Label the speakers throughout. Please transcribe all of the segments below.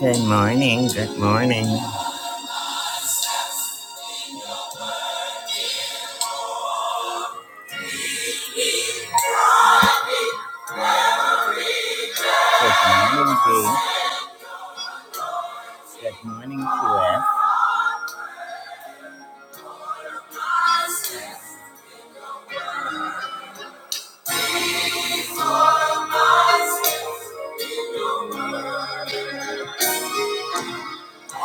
Speaker 1: Good morning. Good morning. Good morning, Dee. Good morning to us. in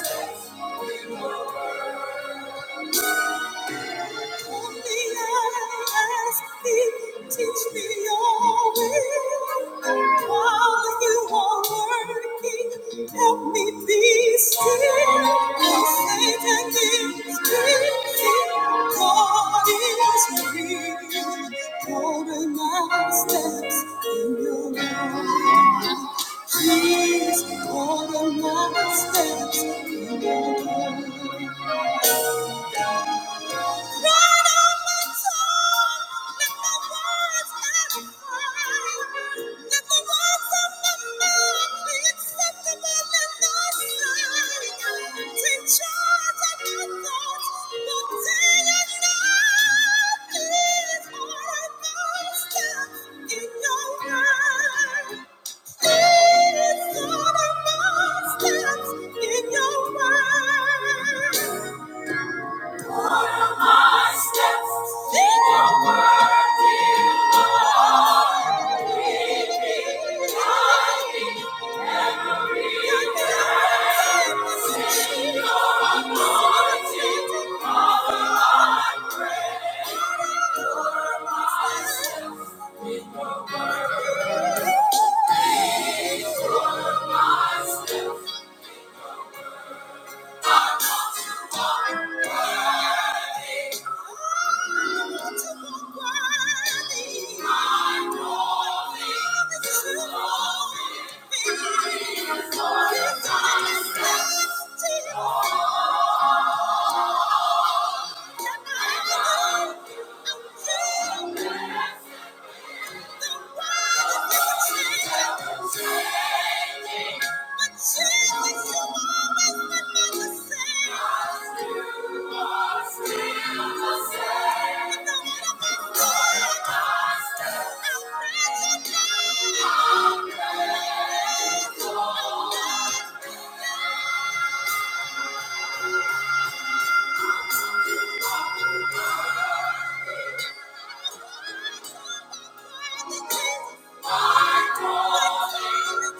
Speaker 1: Thank you. Teach me your will while you are working. Help me be still. Satan is busy. God is real. Order my steps in your love. order my steps In your mind. My steps in your Oh Thank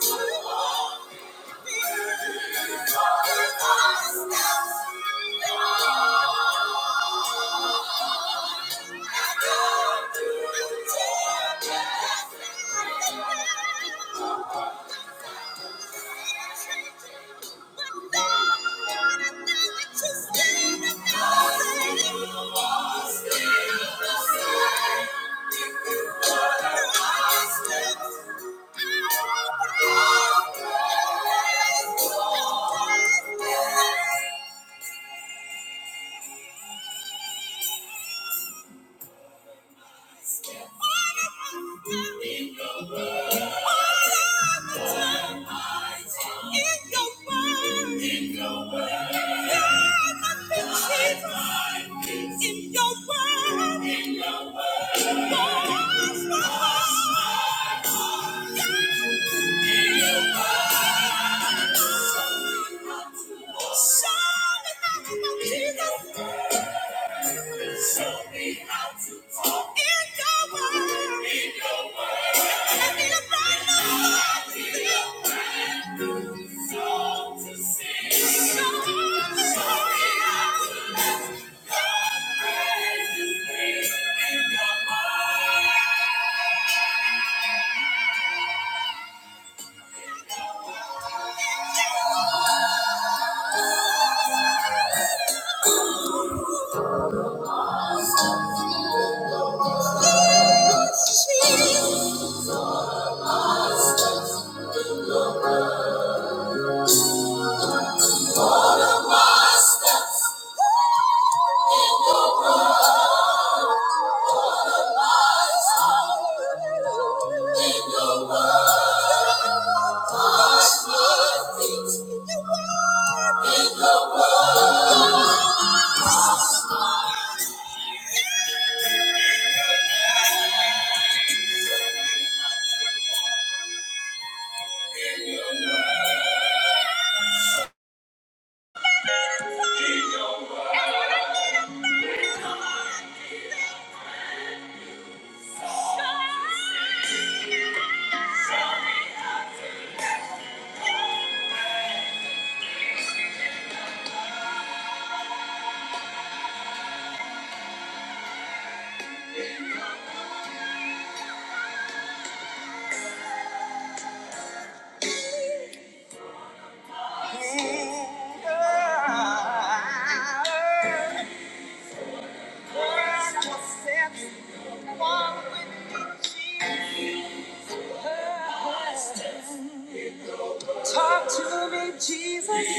Speaker 1: you. Thank you. Thank you. Yeah. Thank you. In your word. Talk to me, Jesus.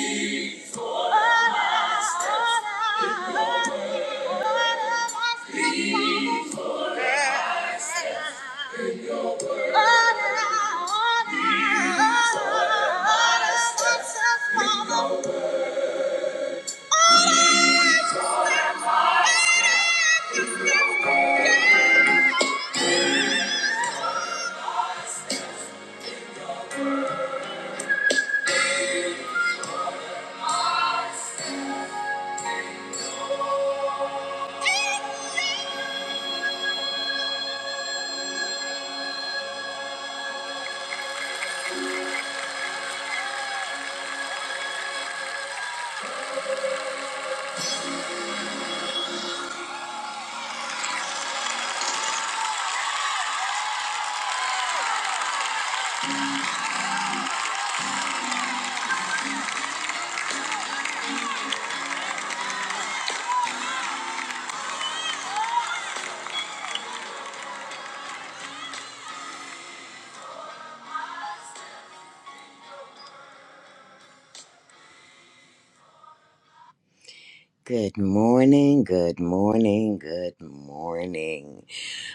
Speaker 1: Good morning, good morning, good morning.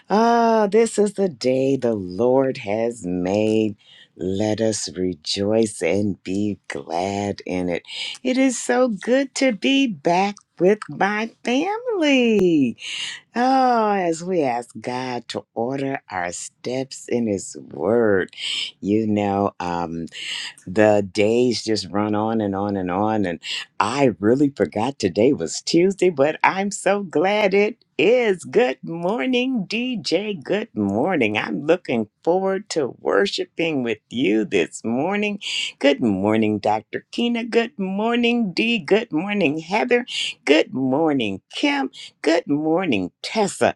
Speaker 1: Ah, this is the day the Lord has made. Let us rejoice and be glad in it. It is so good to be back with my family. Oh, as we ask God to order our steps in His Word, you know, um the days just run on and on and on. And I really forgot today was Tuesday, but I'm so glad it is. Good morning, DJ. Good morning. I'm looking forward to worshiping with you this morning. Good morning, Dr. Kina. Good morning, D. Good morning, Heather. Good morning, Kim. Good morning, Tessa.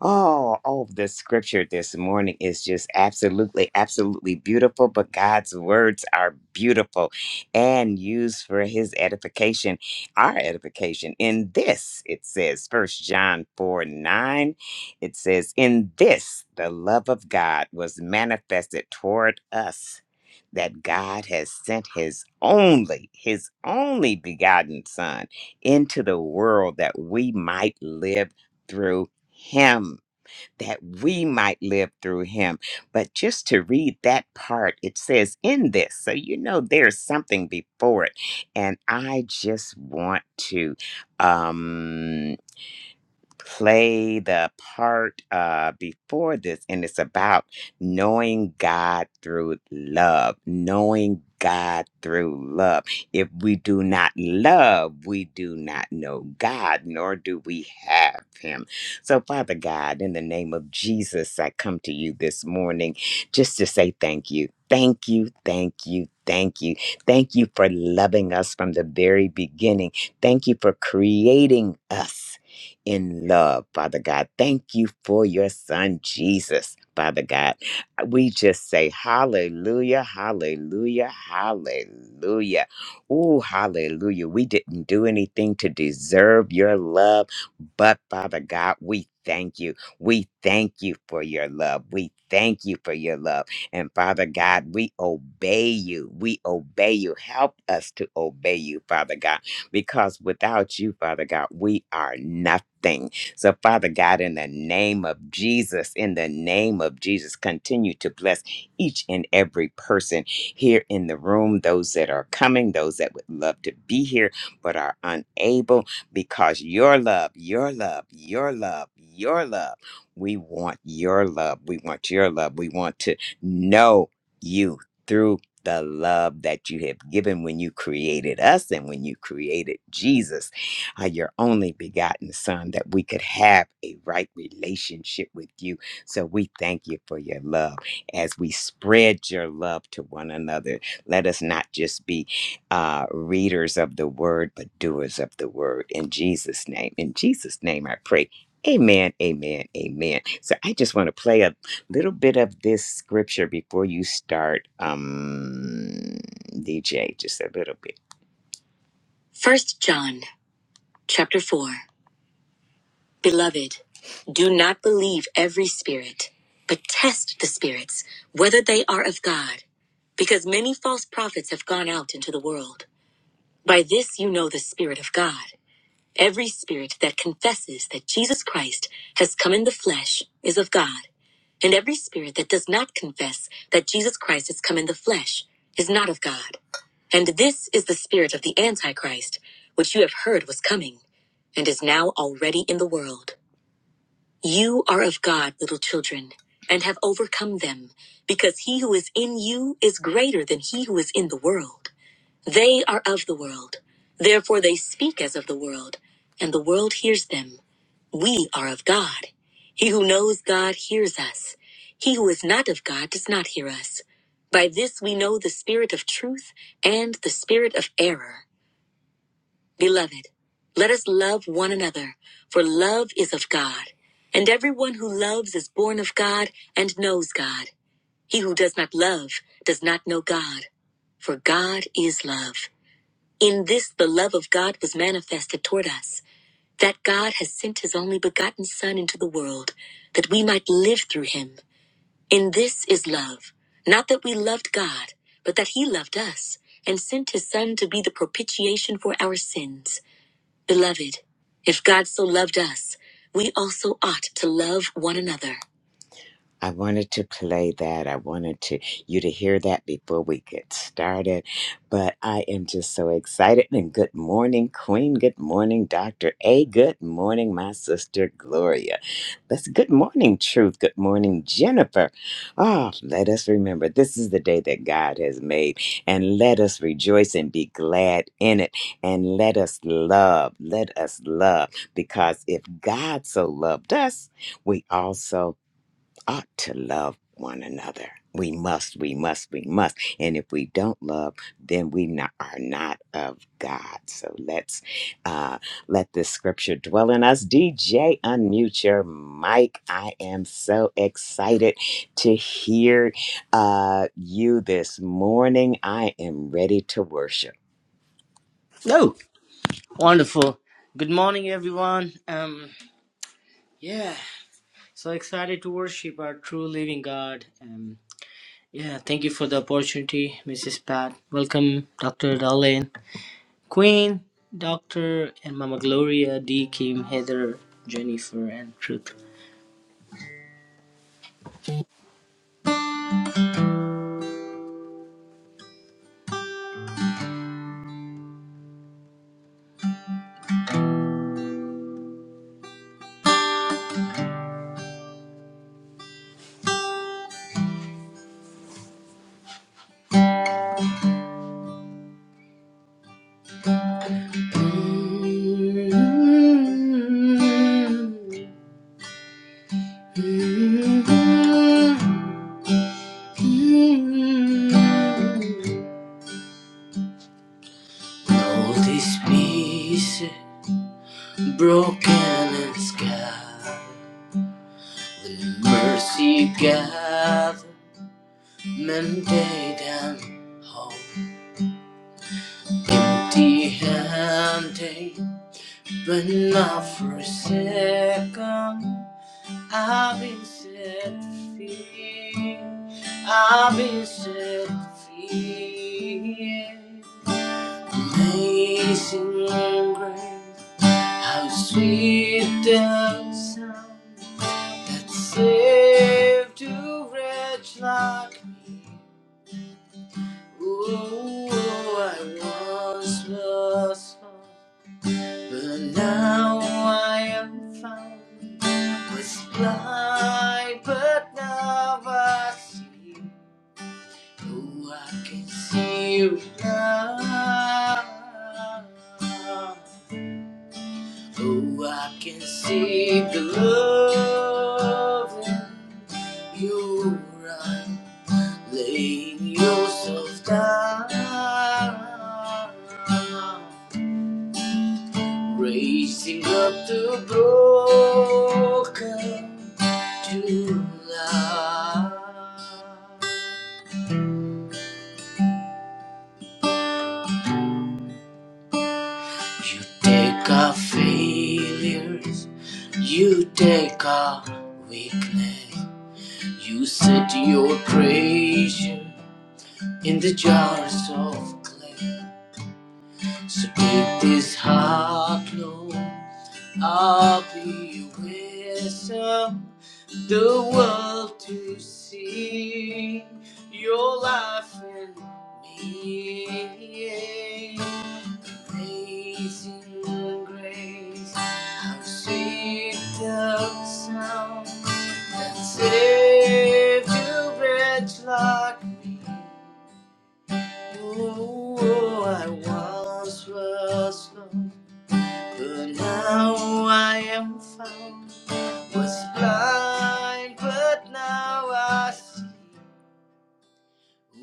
Speaker 1: Oh, oh, the scripture this morning is just absolutely, absolutely beautiful. But God's words are beautiful and used for his edification, our edification. In this, it says, First John 4 9, it says, In this, the love of God was manifested toward us. That God has sent his only, his only begotten Son into the world that we might live through him that we might live through him. But just to read that part, it says, in this. So you know there's something before it. And I just want to. Um, play the part uh, before this, and it's about knowing God through love, knowing God through love. If we do not love, we do not know God, nor do we have Him. So, Father God, in the name of Jesus, I come to you this morning just to say thank you. Thank you, thank you, thank you. Thank you for loving us from the very beginning. Thank you for creating us in love, Father God. Thank you for your son, Jesus, Father God. We just say hallelujah, hallelujah, hallelujah. Oh, hallelujah. We didn't do anything to deserve your love, but Father God, we thank you. We thank you for your love. We thank you for your love. And Father God, we obey you. We obey you. Help us to obey you, Father God because without you, Father God, we are nothing. So, Father God, in the name of Jesus, in the name of Jesus, continue to bless each and every person here in the room, those that are coming, those that would love to be here but are unable, because your love, your love, your love, your love, we want your love. We want your love. We want to know you. through the love that you have given when you created us and when you created Jesus, uh, your only begotten Son, that we could have a right relationship with you. So we thank you for your love as we spread your love to one another. Let us not just be uh, readers of the word, but doers of the word. In Jesus' name, in Jesus' name, I pray. Amen, amen, amen. So I just want to play a little bit of this scripture before you start um dj just a little bit first john chapter 4 beloved do not believe every spirit but test the spirits whether they are of god because many false prophets have gone out into the world by this you know the spirit of god every spirit that confesses that jesus christ has come in the flesh is of god And every spirit that does not confess that Jesus Christ has come in the flesh is not of God. And this is the spirit of the Antichrist, which you have heard was coming, and is now already in the world. You are of God, little children, and have overcome them, because he who is in you is greater than he who is in the world. They are of the world. Therefore they speak as of the world, and the world hears them. We are of God. He who knows God hears us. He who is not of God does not hear us. By this we know the spirit of truth and the spirit of error. Beloved, let us love one another, for love is of God. And everyone who loves is born of God and knows God. He who does not love does not know God, for God is love. In this, the love of God was manifested toward us, that God has sent his only begotten Son into the world, that we might live through him. In this is love, not that we loved God, but that he loved us, and sent his Son to be the propitiation for our sins. Beloved, if God so loved us, we also ought to love one another. I wanted to play that. I wanted to you to hear that before we get started. But I am just so excited. And good morning, Queen. Good morning, Dr. A. Good morning, my sister Gloria. That's good morning, Truth. Good morning, Jennifer. Ah, let us remember this is the day that God has made. And let us rejoice and be glad in it. And let us love. Let us love. Because if God so loved us, we also ought to love one another. We must, we must, we must. And if we don't love, then we not, are not of God. So let's uh, let this scripture dwell in us. DJ, unmute your mic. I am so excited to hear uh, you this morning. I am ready to worship.
Speaker 2: No, wonderful. Good morning, everyone. Um, yeah, so excited to worship our true living God. Um, yeah, thank you for the opportunity, Mrs. Pat. Welcome, Dr. Darlene, Queen, Doctor, and Mama Gloria, D. Kim, Heather, Jennifer, and Truth. All these pieces. Broken and scarred, mercy gathered, mandate and hope. Empty handed, but not for a second. I've been set free. I've been set free. Amazing grace, how sweet the sound. that saved a wretch like me. Oh, I once was lost, but now I am found. Was blind, but now I see. Oh, I can see you now. Oh, I can see the love in your eyes. Laying yourself down, raising up the broken to life. You take our failures, you take our weakness. You set your treasure in the jars of clay. So take this heart, Lord, I'll be wisdom, the world to see your life in me. Amazing grace, how sweet the sound that saved a wretch like me. Oh, I once was lost. But now I am found, was blind, but now I see.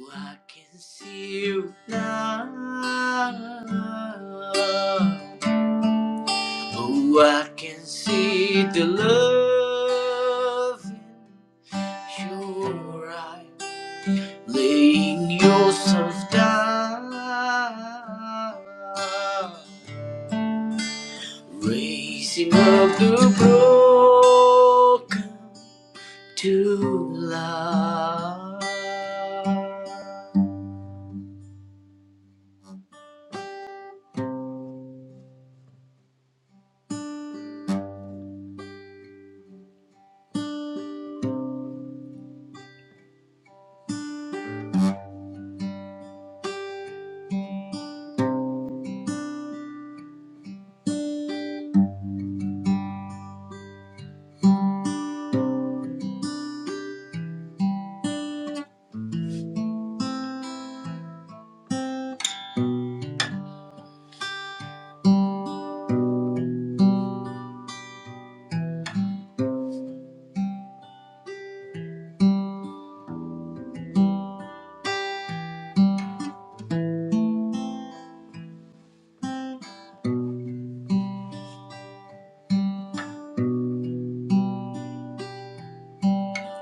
Speaker 2: Oh, I can see you now. Oh, I can see the love in your eye, laying yourself down. Raising of the broken to life.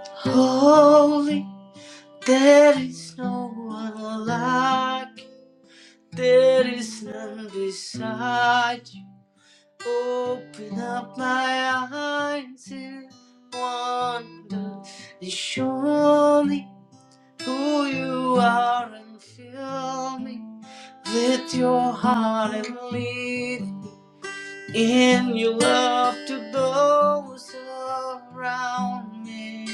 Speaker 2: Holy, there is no one like you. There is none beside you. Open up my eyes in wonder and show me. who you are and fill me with your heart and lead in your love to those around me.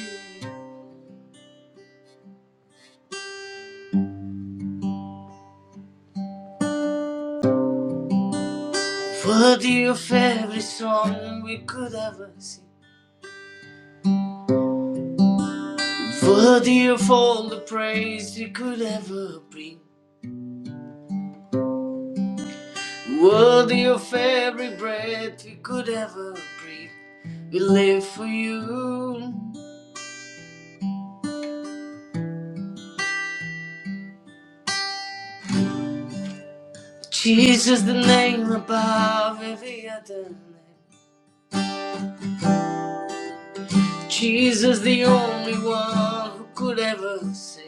Speaker 2: Worthy of every song we could ever sing, worthy of all the praise we could ever bring, worthy of every breath we could ever breathe. We live for you. Jesus, the name above every other name. Jesus, the only one who could ever save.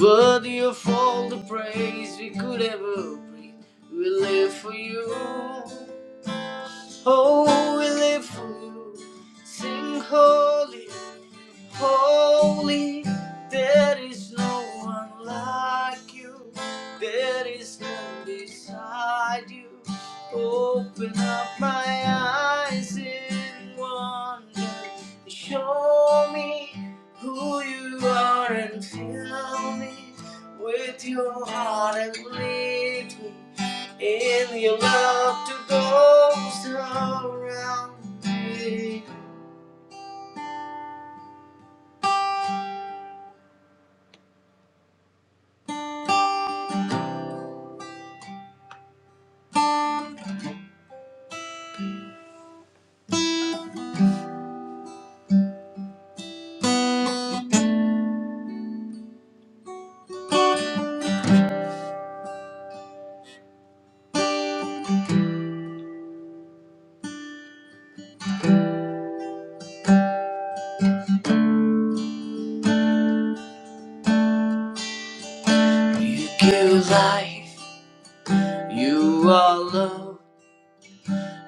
Speaker 2: Worthy of all the praise we could ever breathe, We live for you. Oh, we live for you. Sing holy, holy. There is no one like you. There is none beside you. Open up my eyes in wonder. Show me who you are and fill me with your heart and lead me in your love to those around me. You give life, you are love,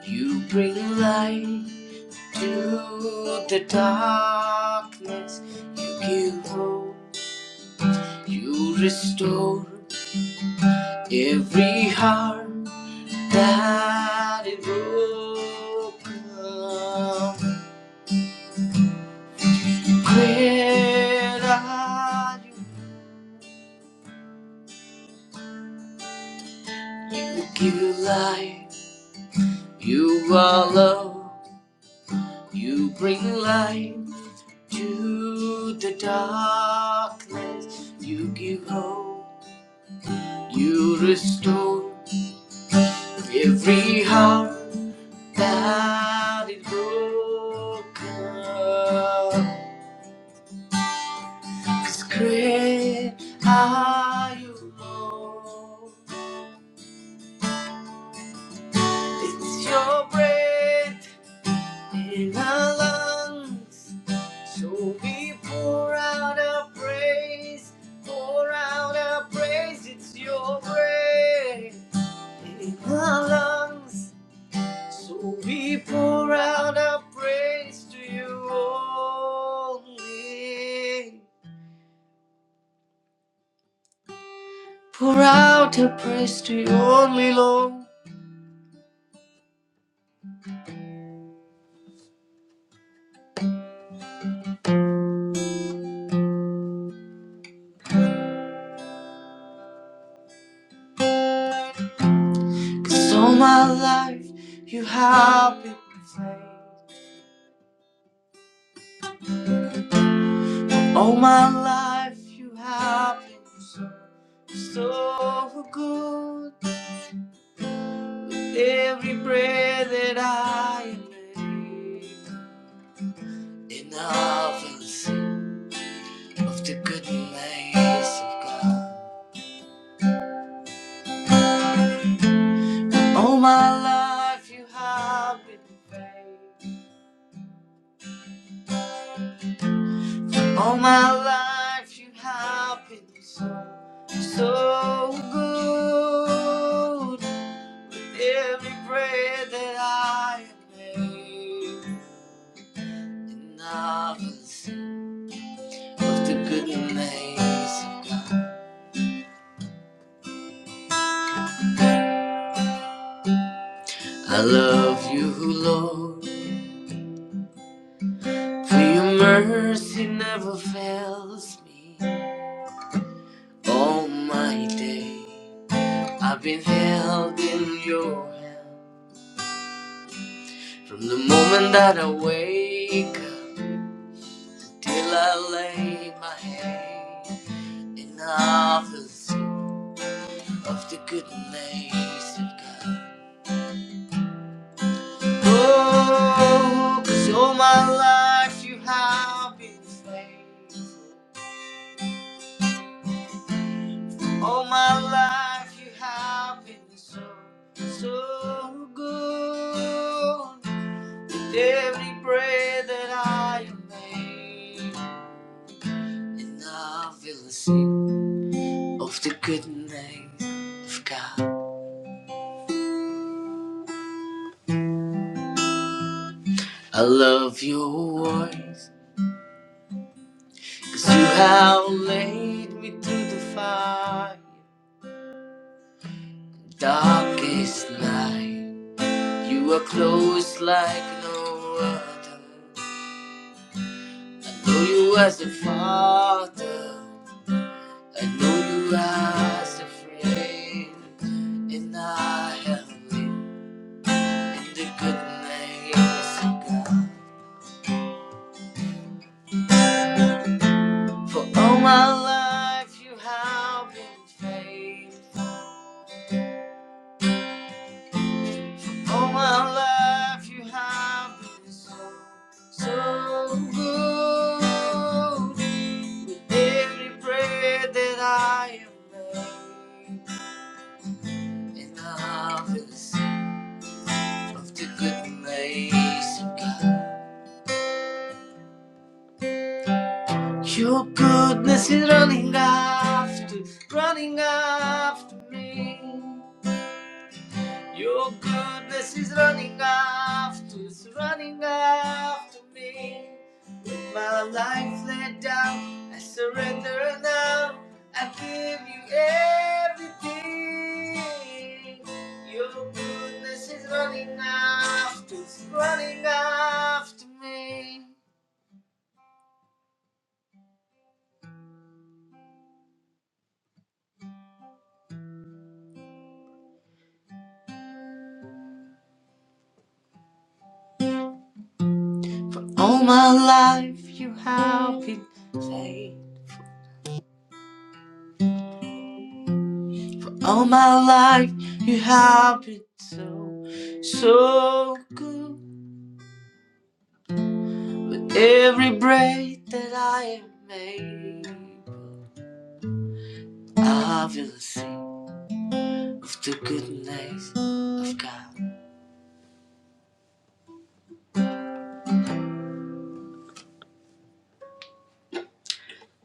Speaker 2: you bring light to the darkness. You give hope, you restore every heart that is broken. Great are you, you give life. You are love, you bring light to the darkness. You give hope, you restore every heart that is broken. 'Cause great are you, Lord. It's your breath in our lungs. So we pour out our praise, pour out our praise, it's your praise in our lungs. So we pour out our praise to you only. Pour out our praise to you only, Lord. 'Cause all my life you have been faithful. All my life you have been so, so good. Every prayer that I made in the office of the goodness of God. All my life you have been faithful. All my life you have been so, so good. Every prayer that I made in the office of the goodness of God. I love you, Lord, for your mercy never fails me. All my day, I've been held in your hand from the moment that I wake up till I lay my head in the sea of the goodness of God. Oh, 'cause all my life you have been faithful. All my life you have been so, so good. With every breath that I am made, and I feel the sick of the goodness of God. I love your voice, cause you have laid me to the fire. Darkest night, you are close like no other. I know you as a father. I know you as a friend. And I have lived in the good names of God. For all my life you have been faithful. All my life you have been so, so good. With every prayer that I have made. And I will sing of the goodness of God. Your goodness is running after, running after me. Your goodness is running after, it's running after me. My life laid down, I surrender now. I give you everything. Your goodness is running after, it's running after me. All my life you have been faithful. All my life you have been so, so good. Every breath that I am made, I will sing of the goodness of God.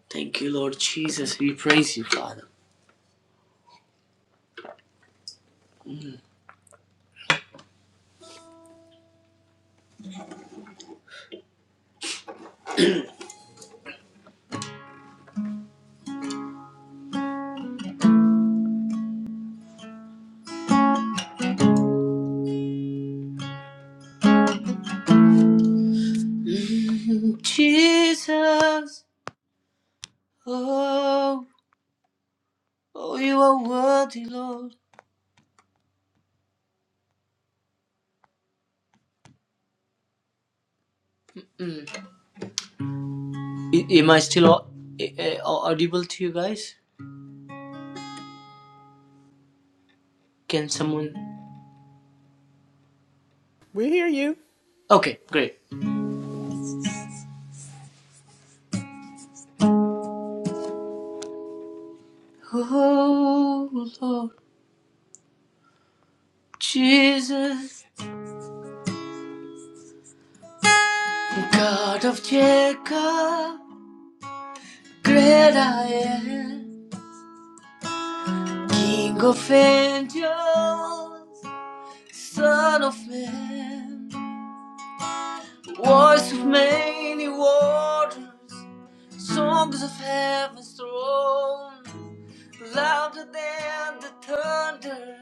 Speaker 2: Thank you, Lord Jesus. We praise you, Father. Mm, Jesus, oh, oh, you are worthy, Lord. Mm. Am I still audible to you guys? Can someone?
Speaker 3: We hear you.
Speaker 2: Okay, great. Oh Lord Jesus, God of Jacob, great I am, King of angels, Son of man, voice of many waters, songs of heaven's throne, louder than the thunder,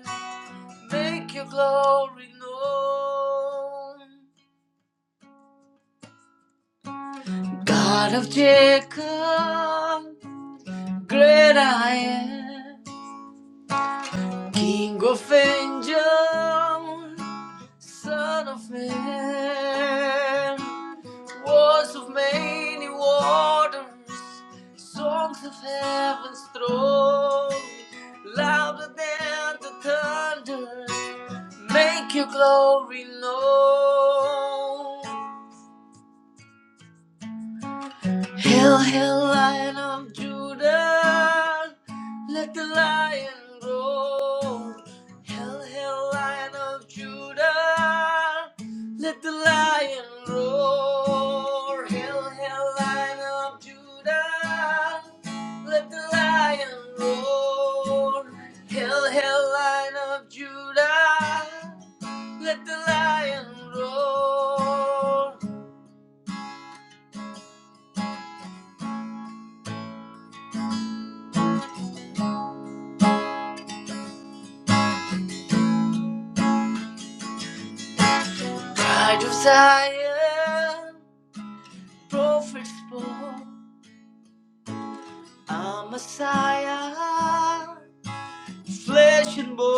Speaker 2: make your glory known. God of Jacob, great I am, King of angels, Son of man, words of many waters, songs of heaven's throne, louder than the thunder, make your glory known. Hail, hail, Lion of Judah, let the lion roar. Hail, hail, Lion of Judah, let the lion roar. Hail, hail, Lion of Judah, let the lion roar. Hail, hail, Lion of Judah, let the lion roar. Pride of Zion. prophets born, a Messiah, flesh and bone.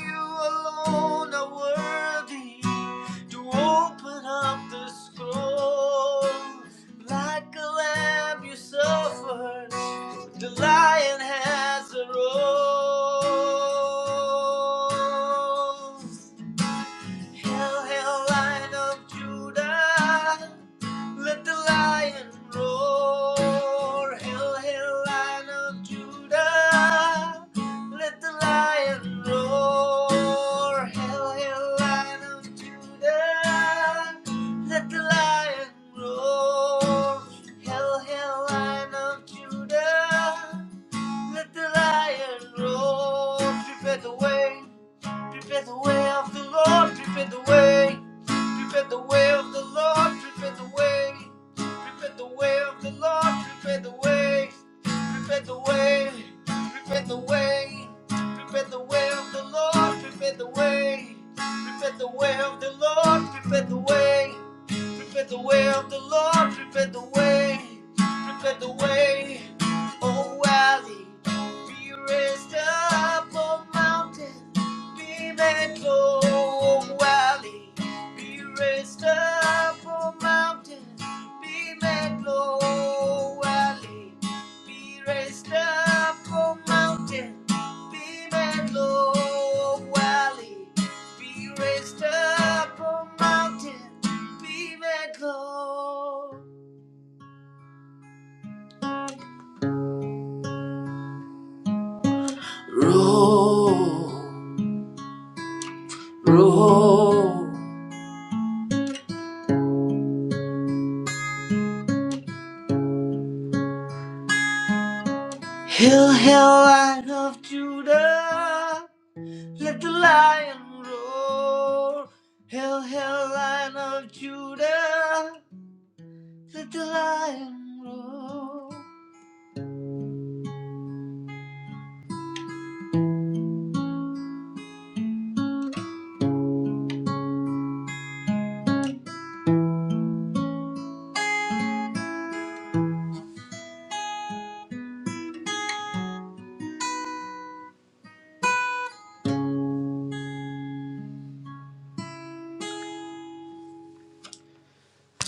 Speaker 2: You alone are worthy to open up the scroll. Like a lamb, you suffered. The lion has arose. Hail, hail, Lion of Judah, let the lion roar. Hail, hail, Lion of Judah, let the lion roar. Hail, hail, Lion of Judah, let the lion roar. Hail, hail, Lion of Judah, let the lion roar. Prepare the way. Prepare the way of the Lord, prepare the way. Prepare the way of the Lord, prepare the way. Prepare the way of the Lord, prepare the way. Prepare the way, prepare the way. Prepare the way of the Lord, prepare the way. Prepare the way of the Lord, prepare the way. Prepare the way of the Lord, prepare the way. Prepare the way, oh valley. Be raised up, oh mountain. Be meadow or valley, be raised up or mountain. Be meadow or valley, be raised up or mountain. Be meadow or valley, be raised up or mountain. Be meadow. Roll, roll. Hail, hail, light of Judah. Let the lion roar. Hail, hail, lion of Judah. Let the lion roar.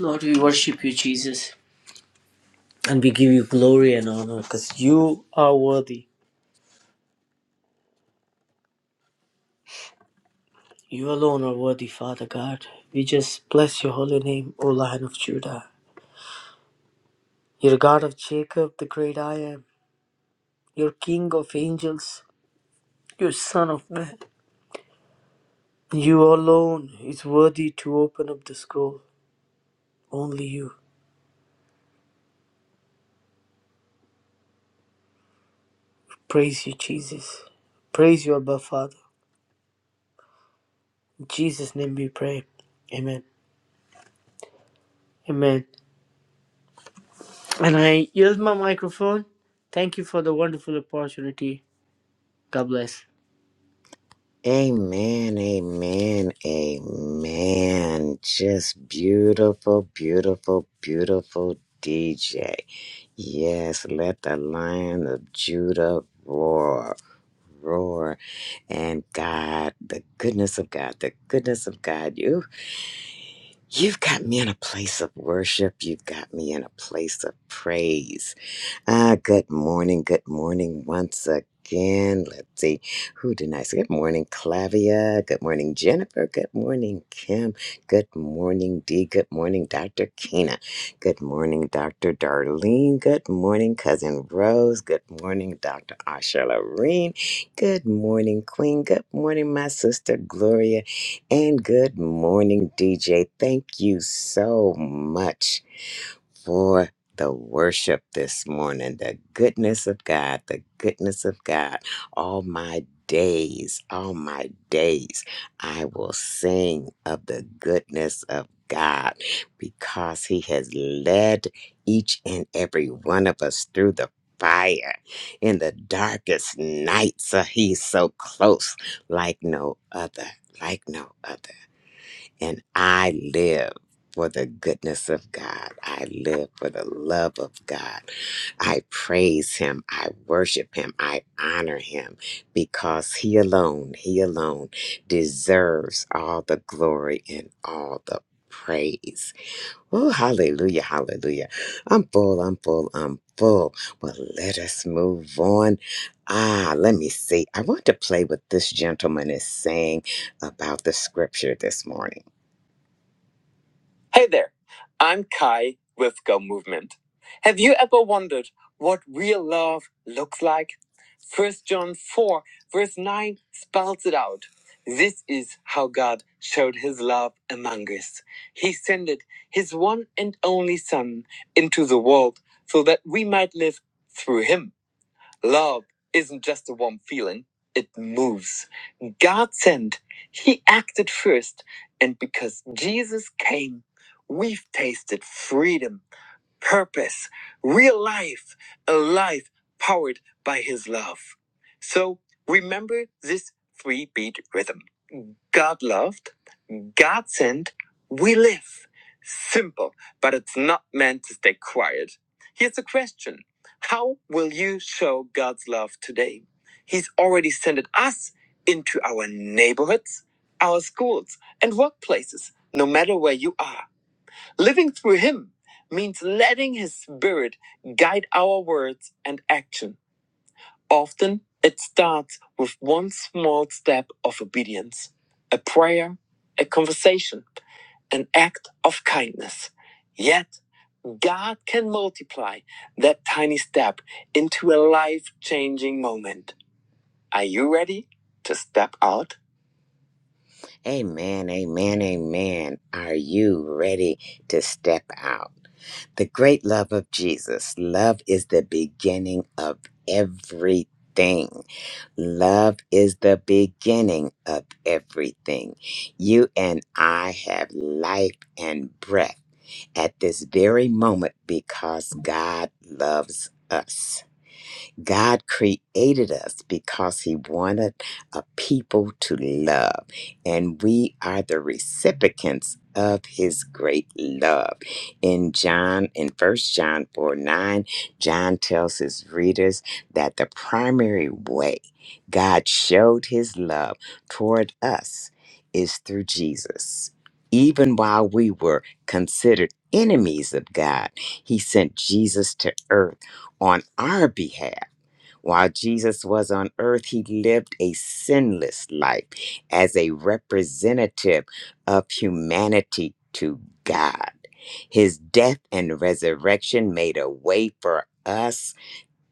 Speaker 2: Lord, we worship you, Jesus, and we give you glory and honor because you are worthy. You alone are worthy, Father God. We just bless your holy name, O Lion of Judah. You're God of Jacob, the great I am. You're King of angels. You're Son of Man. You alone is worthy to open up the scroll. Only you. Praise you, Jesus. Praise you, above Father. In Jesus' name we pray. Amen. Amen. And I use my microphone. Thank you for the wonderful opportunity. God bless.
Speaker 1: Amen, amen, amen. Just beautiful, beautiful, beautiful DJ. Yes, let the lion of Judah roar, roar. And God, the goodness of God, the goodness of God. You've got me in a place of worship. You've got me in a place of praise. Ah, good morning. Good morning once again. Let's see. Who did I say? Good morning, Clavia. Good morning, Jennifer. Good morning, Kim. Good morning, Dee. Good morning, Dr. Kina. Good morning, Dr. Darlene. Good morning, Cousin Rose. Good morning, Dr. Asha Loreen. Good morning, Queen. Good morning, my sister Gloria. And good morning, DJ. Thank you so much for the worship this morning. The goodness of God, the goodness of God. All my days, all my days, I will sing of the goodness of God because He has led each and every one of us through the fire in the darkest nights. Uh, he's so close, like no other, like no other. And I live for the goodness of God. I live for the love of God. I praise Him. I worship Him. I honor Him because He alone, He alone deserves all the glory and all the praise. Oh, hallelujah, hallelujah. I'm full, I'm full, I'm full. Well, let us move on. Ah, let me see. I want to play what this gentleman is saying about the scripture this morning. Hey there, I'm Kai with Go Movement. Have you ever wondered what real love looks like? First John 4, verse 9 spells it out. This is how God showed his love among us. He sent his one and only Son into the world so that we might live through him. Love isn't just a warm feeling, it moves. God sent, He acted first, and because Jesus came, we've tasted freedom, purpose, real life, a life powered by His love. So remember this three beat rhythm God loved. God sent, we live. Simple, but it's not meant to stay quiet. Here's a question How will you show God's love today? He's already sent us into our neighborhoods, our schools, and workplaces, no matter where you are. Living through Him means letting His Spirit guide our words and action. Often, it starts with one small step of obedience a prayer, a conversation an act of kindness. Yet God can multiply that tiny step into a life changing moment. Are you ready to step out? Amen, amen, amen. Are you ready to step out? The great love of Jesus. Love is the beginning of everything. Love is the beginning of everything. You and I have life and breath at this very moment because God loves us. God created us because He wanted a people to love, and we are the recipients of His great love. In John, in First John 4 9, John tells his readers that the primary way God showed His love toward us is through Jesus. Even while we were considered enemies of God, He sent Jesus to earth on our behalf while Jesus was on earth, he lived a sinless life as a representative of humanity to God. His death and resurrection made a way for us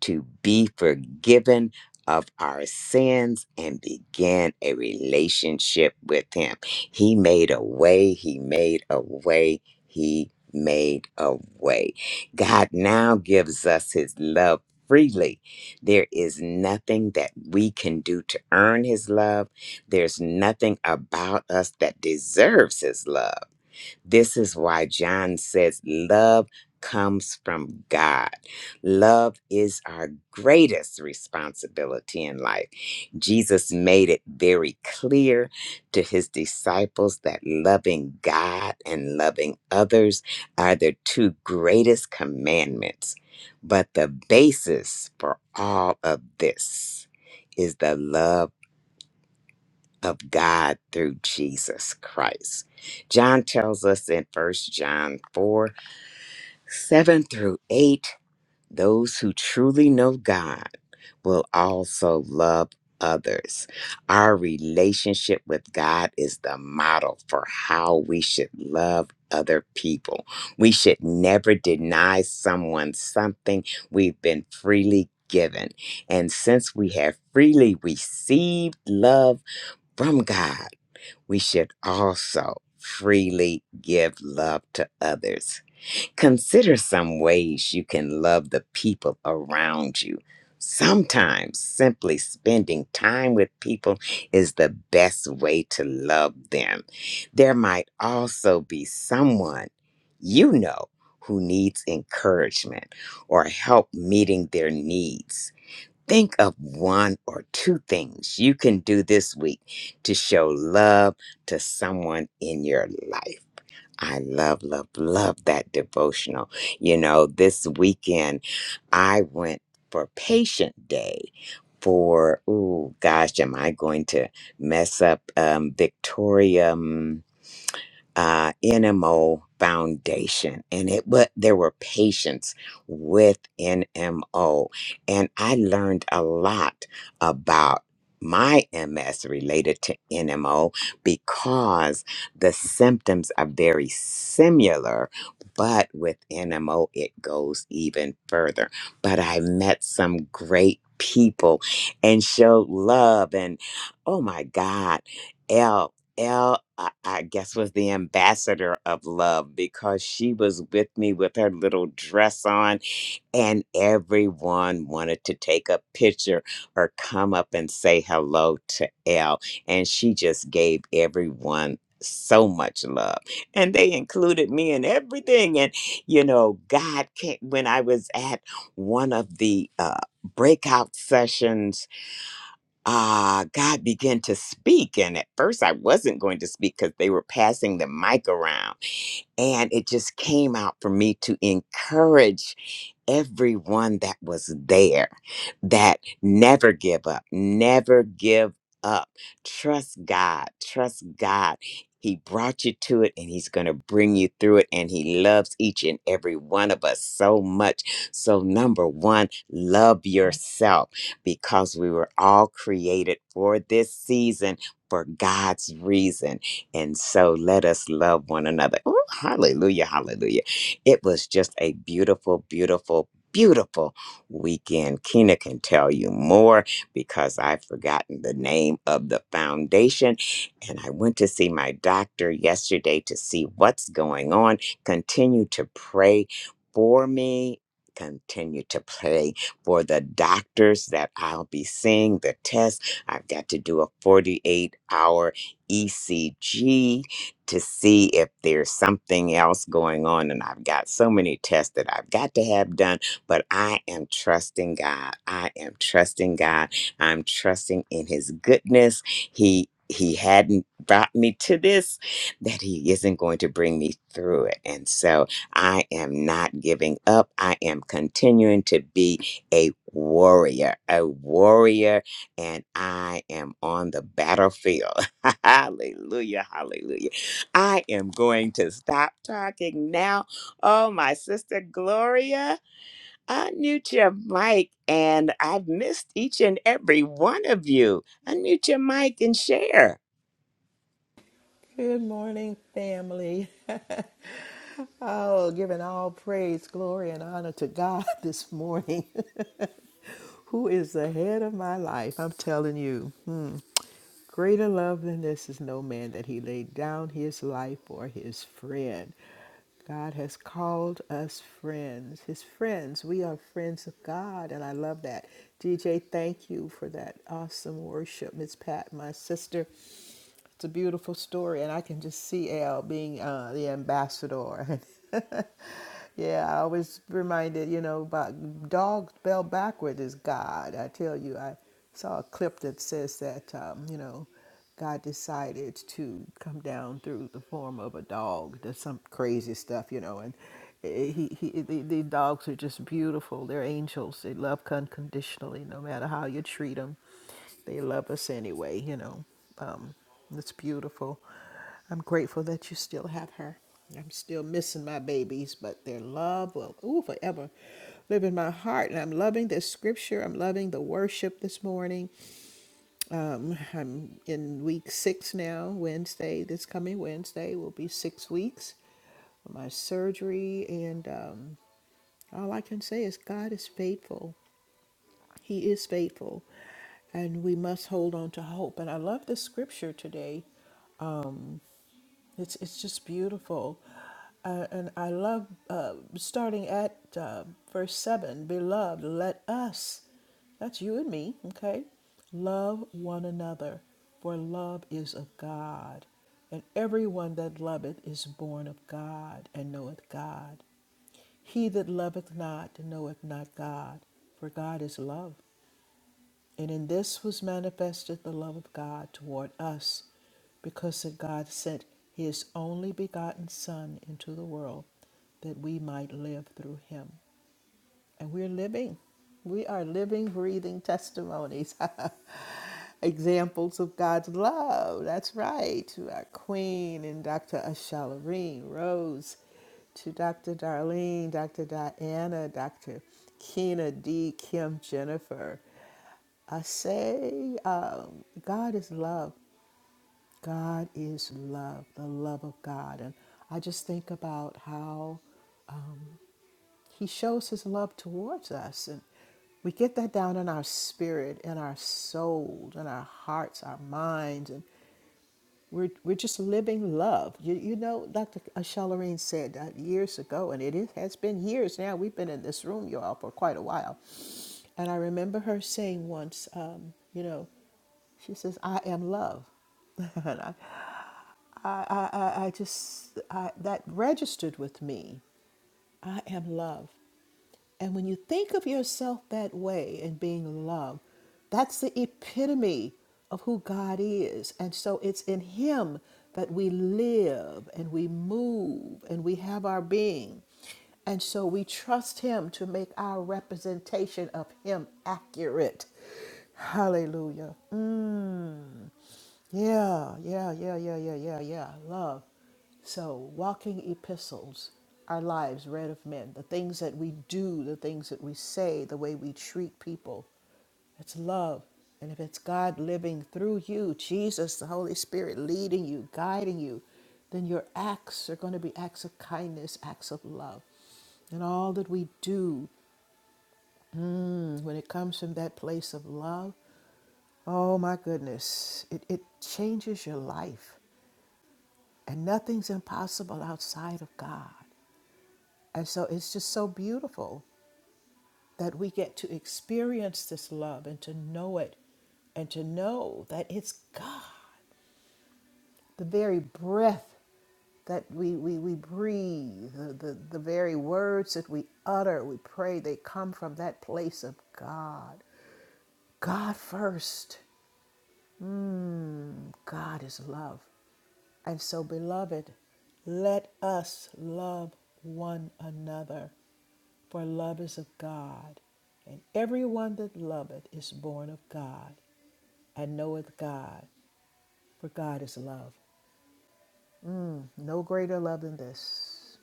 Speaker 1: to be forgiven of our sins and begin a relationship with Him. He made a way, He made a way, He made a way. God now gives us His love freely. There is nothing that we can do to earn His love, there's nothing about us that deserves His love. This is why John says love comes from God. Love is our greatest responsibility in life. Jesus made it very clear to his disciples that loving God and loving others are the two greatest commandments. But the basis for all of this is the love of God through Jesus Christ. John tells us in First John 4 7 through 8, those who truly know God will also love others. Our relationship with God is the model for how we should love other people. We should never deny someone something we've been freely given. And since we have freely received love from God, we should also freely give love to others. Consider some ways you can love the people around you. Sometimes simply spending time with people is the best way to love them. There might also be someone you know who needs encouragement or help meeting their needs. Think of one or two things you can do this week to show love to someone in your life. I love, love, love that devotional. You know, this weekend I went for patient day for, oh gosh, am I going to mess up um, Victoria? uh, NMO Foundation, and it but there were patients with NMO, and I learned a lot about my MS related to NMO because the symptoms are very similar, but with NMO it goes even further. But I met some great people and showed love and oh my God, Elle, I, I guess, was the ambassador of love because she was with me with her little dress on, and everyone wanted to take a picture or come up and say hello to Elle. And she just gave everyone so much love and they included me in everything and you know god came when i was at one of the uh breakout sessions ah, God began to speak. And at first, I wasn't going to speak because they were passing the mic around. And it just came out for me to encourage everyone that was there that never give up, never give up. Trust God, trust God. He brought you to it and he's going to bring you through it. And he loves each and every one of us so much. So, number one, love yourself because we were all created for this season for God's reason. And so let us love one another. Ooh, hallelujah, hallelujah. It was just a beautiful, beautiful, beautiful weekend. Kina can tell you more because I've forgotten the name of the foundation. And I went to see my doctor yesterday to see what's going on. Continue to pray for me. Continue to pray for the doctors that I'll be seeing the test. I've got to do a 48 hour ECG to see if there's something else going on. And I've got so many tests that I've got to have done, but I am trusting God. I am trusting God. I'm trusting in His goodness. He he hadn't brought me to this, that he isn't going to bring me through it. And so I am not giving up. I am continuing to be a warrior, a warrior, and I am on the battlefield. Hallelujah, hallelujah. I am going to stop talking now. Oh, my sister Gloria, unmute your mic, and I've missed each and every one of you. Unmute your mic and share.
Speaker 3: Good morning, family. oh, giving all praise, glory, and honor to God this morning, who is the head of my life. I'm telling you, hmm, greater love than this is no man that he laid down his life for his friend. God has called us friends, his friends. We are friends of God, and I love that. DJ, thank you for that awesome worship, Miss Pat, my sister. It's a beautiful story, and I can just see Al being uh, the ambassador. yeah, I always reminded you know about dogs bell backwards is God. I tell you, I saw a clip that says that um, you know God decided to come down through the form of a dog. There's some crazy stuff, you know, and he, he the, the dogs are just beautiful. They're angels. They love unconditionally, no matter how you treat them. They love us anyway, you know. Um, it's beautiful. I'm grateful that you still have her. I'm still missing my babies, but their love will ooh, forever live in my heart. And I'm loving this scripture. I'm loving the worship this morning. Um, I'm in week six now, Wednesday. This coming Wednesday will be six weeks for my surgery and um, all i can say is god is faithful he is faithful, and we must hold on to hope. And I love the scripture today. Um, it's it's just beautiful, uh, and I love uh, starting at uh, verse seven. Beloved, let us, that's you and me, okay, love one another, for love is of God, and everyone that loveth is born of God and knoweth God. He that loveth not knoweth not God, for God is love. And in this was manifested the love of God toward us, because that God sent his only begotten Son into the world that we might live through him. And we're living. We are living, breathing testimonies, examples of God's love. That's right. To our Queen and Dr. Ashalareen Rose, to Dr. Darlene, Dr. Diana, Dr. Kina D, Kim Jennifer. I say, um, God is love. God is love, the love of God. And I just think about how um, he shows his love towards us. And we get that down in our spirit, in our soul, in our hearts, our minds. And we're, we're just living love. You, you know, Dr. Shalareen said that years ago, and it is, has been years now. We've been in this room, y'all, for quite a while. And I remember her saying once, um, you know, she says, I am love. and I, I, I, I just, I, that registered with me. I am love. And when you think of yourself that way and being loved, that's the epitome of who God is. And so it's in Him that we live and we move and we have our being. And so we trust Him to make our representation of Him accurate. Hallelujah. Yeah, yeah, yeah, yeah, yeah, yeah, yeah. Love. So, walking epistles, our lives read of men, the things that we do, the things that we say, the way we treat people. It's love. And if it's God living through you, Jesus, the Holy Spirit leading you, guiding you, then your acts are going to be acts of kindness, acts of love. And all that we do mm, when it comes from that place of love, oh my goodness, it, it changes your life. And nothing's impossible outside of God. And so it's just so beautiful that we get to experience this love and to know it and to know that it's God. The very breath that we, we, we breathe, the, the, the very words that we utter, we pray, they come from that place of God. God first. Mm, God is love. And so, beloved, let us love one another, for love is of God. And everyone that loveth is born of God and knoweth God, for God is love. No greater love than this.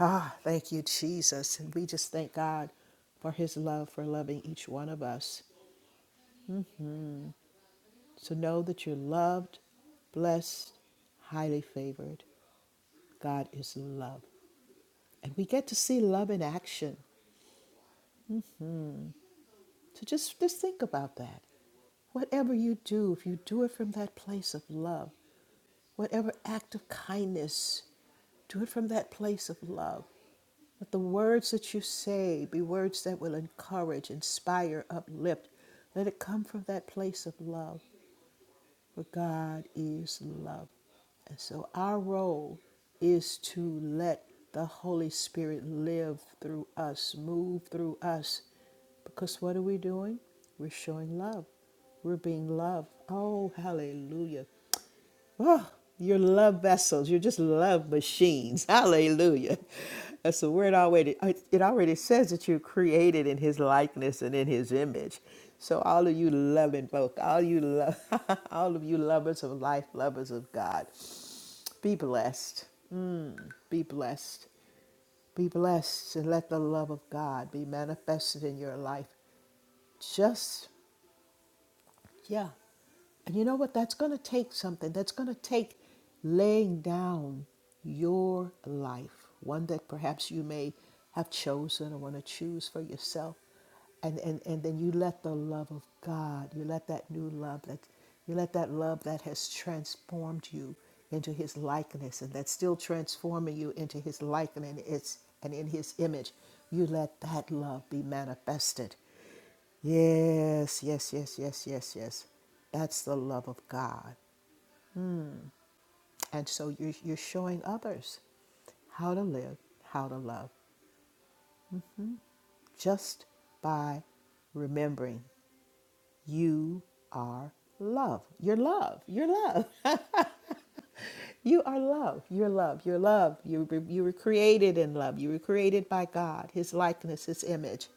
Speaker 3: Ah, thank you, Jesus. And we just thank God for his love, for loving each one of us. So know that you're loved, blessed, highly favored. God is love. And we get to see love in action. So just, just think about that. Whatever you do, if you do it from that place of love, whatever act of kindness, do it from that place of love. Let the words that you say be words that will encourage, inspire, uplift. Let it come from that place of love. But God is love. And so our role is to let the Holy Spirit live through us, move through us. Because what are we doing? We're showing love. We're being loved. Oh, hallelujah. Oh, you're love vessels. You're just love machines. Hallelujah. That's the word already. It already says that you're created in his likeness and in his image. So all of you loving folk, all you love, all of you lovers of life, lovers of God, be blessed. Mm, be blessed. Be blessed and let the love of God be manifested in your life. Just, yeah. And you know what? That's going to take something. That's going to take laying down your life, one that perhaps you may have chosen or want to choose for yourself. And, and, and then you let the love of God, you let that new love that you let that love that has transformed you into his likeness and that's still transforming you into his likeness and it's and in his image, you let that love be manifested Yes, yes, yes, yes, yes, yes. That's the love of God. And so you're, you're showing others how to live, how to love, just by remembering you are love. You're love. You're love. you are love. You're love. You're love. You, were- you were created in love. You were created by God, His likeness, His image,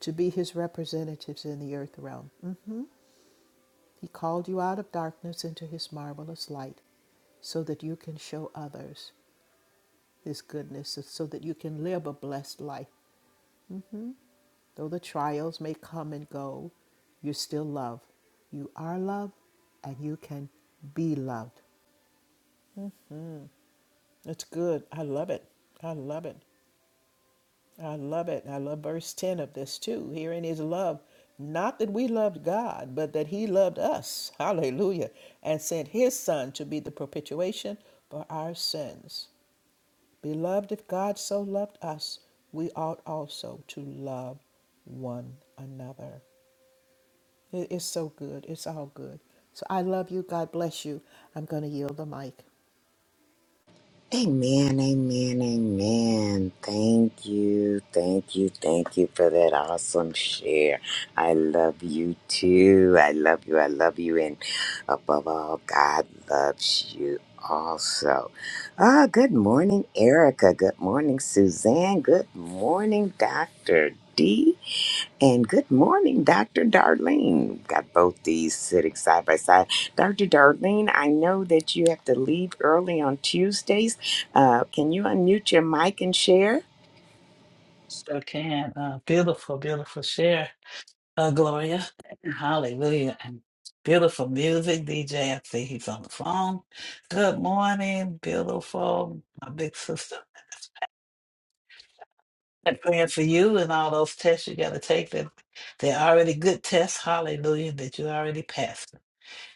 Speaker 3: to be His representatives in the earth realm. He called you out of darkness into his marvelous light so that you can show others his goodness, so so that you can live a blessed life. Though the trials may come and go, you're still love. You are love and you can be loved. That's good. I love it. I love it. I love it. I love verse 10 of this too. Herein is love, not that we loved God, but that He loved us. Hallelujah. And sent His Son to be the propitiation for our sins. Beloved, if God so loved us, we ought also to love one another. It is so good. It's all good. So I love you. God bless you. I'm going to yield the mic.
Speaker 1: Amen, amen, amen. Thank you, thank you, thank you for that awesome share. I love you too. I love you, I love you. And above all, God loves you also. Ah, good morning, Erica. Good morning, Suzanne. Good morning, Doctor. D. And good morning, Dr. Darlene. We've got both these sitting side by side. Dr. Darlene, I know that you have to leave early on Tuesdays. Uh, can you unmute your mic and share?
Speaker 4: Sure can. Uh, beautiful, beautiful share, uh, Gloria. Hallelujah. And beautiful music, DJ. I see he's on the phone. Good morning, beautiful, my big sister. I'm praying for you and all those tests you got to take. That they're already good tests. Hallelujah, that you already passed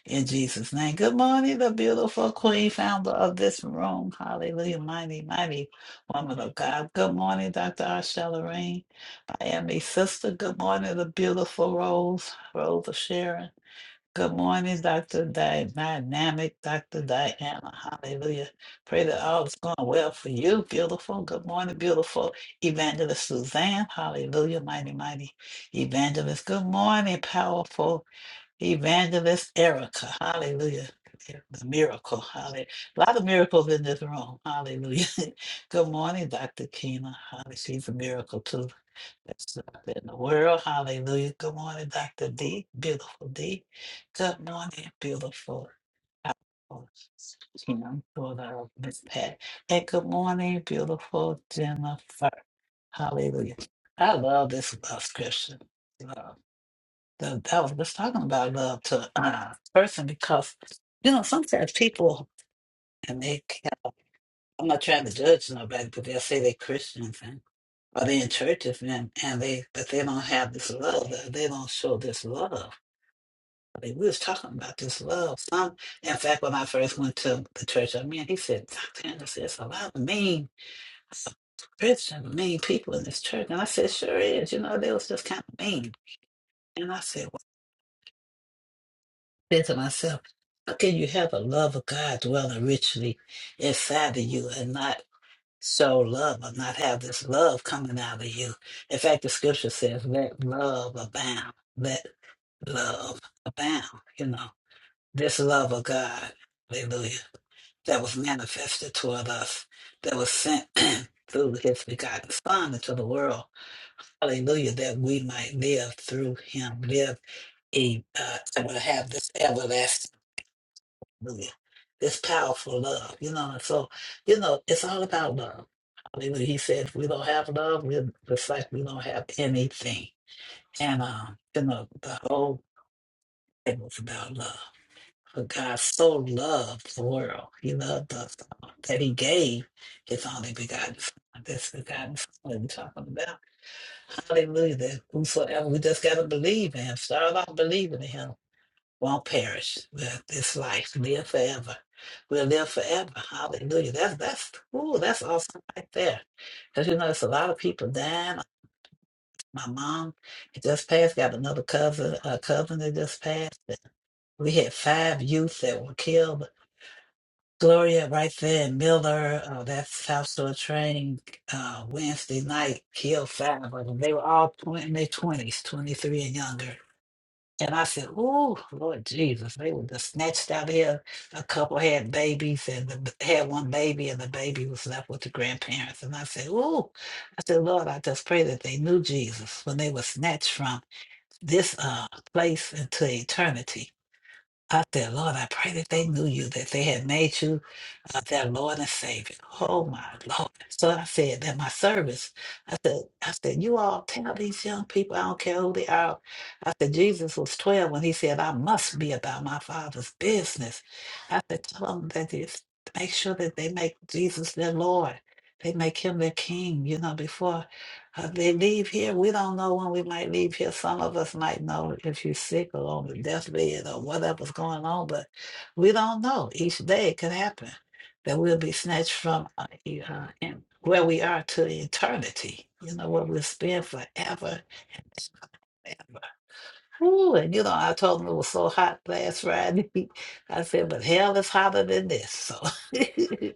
Speaker 4: in Jesus' name. Good morning, the beautiful Queen, founder of this room. Hallelujah, mighty, mighty woman of God. Good morning, Dr. Arshella I am a sister. Good morning, the beautiful Rose, Rose of Sharon. Good morning, Dr. Di- Dynamic, Dr. Diana. Hallelujah. Pray that all is going well for you, beautiful. Good morning, beautiful Evangelist Suzanne. Hallelujah, mighty, mighty Evangelist. Good morning, powerful Evangelist Erica. Hallelujah. The miracle. Hallelujah. A lot of miracles in this room. Hallelujah. Good morning, Dr. Keena. Hallelujah. She's a miracle too. That's up in the world. Hallelujah. Good morning, Dr. D. Beautiful D. Good morning, beautiful. Oh, You know, daughter of Miss Pat. And good morning, beautiful Jennifer. Hallelujah. I love this love scripture. Love. The, I was just talking about love to a uh, person because, you know, sometimes people, and they, can't, I'm not trying to judge nobody, but they'll say they're Christians are they in churches and, and they but they don't have this love. They they don't show this love. I mean, we was talking about this love. Some in fact when I first went to the church I mean he said, Dr. Anderson, there's a lot of mean Christian mean people in this church. And I said, Sure is, you know, they was just kind of mean. And I said, well, I said to myself, how can you have the love of God dwelling richly inside of you and not So love but not have this love coming out of you. In fact, the scripture says, let love abound. Let love abound. You know, this love of God, hallelujah, that was manifested toward us, that was sent through his begotten Son into the world, hallelujah, that we might live through him, live, e- uh, have this everlasting. Hallelujah. This powerful love, you know. And so, you know, it's all about love. Hallelujah. He said, if we don't have love, we're just like we don't have anything. And, um, you know, the whole Bible's about love. For God so loved the world, He loved us all, that He gave His only begotten Son. This begotten Son we're talking about. Hallelujah. That whosoever, we just got to believe in, start off believing in Him won't perish with this life. Live forever. We'll live forever. Hallelujah. That's that's ooh, that's awesome right there. Because you know, it's a lot of people dying. My mom had just passed, got another cousin, a cousin that just passed. We had five youth that were killed. Gloria right there in Miller, uh, that South Shore train uh, Wednesday night killed five of them. They were all point in their 20s, 23 and younger and I said, "Ooh, Lord Jesus, they were just snatched out of here. A couple had babies, and the, had one baby, and the baby was left with the grandparents." And I said, "Ooh," I said, "Lord, I just pray that they knew Jesus when they were snatched from this uh, place into eternity." I said, "Lord, I pray that they knew you, that they had made you of their Lord and Savior. Oh my Lord. So I said that my service, I said, I said, you all tell these young people, I don't care who they are. I said, Jesus was 12 when he said, I must be about my father's business. I said, tell them that it's make sure that they make Jesus their Lord. They make him their king, you know, before uh, they leave here. We don't know when we might leave here. Some of us might know if you're sick or on the deathbed or whatever's going on, but we don't know. Each day it could happen that we'll be snatched from uh, e- uh, and where we are to eternity. You know, where we'll spend forever, Ooh, and you know, I told him it was so hot last Friday. I said, but hell is hotter than this. So,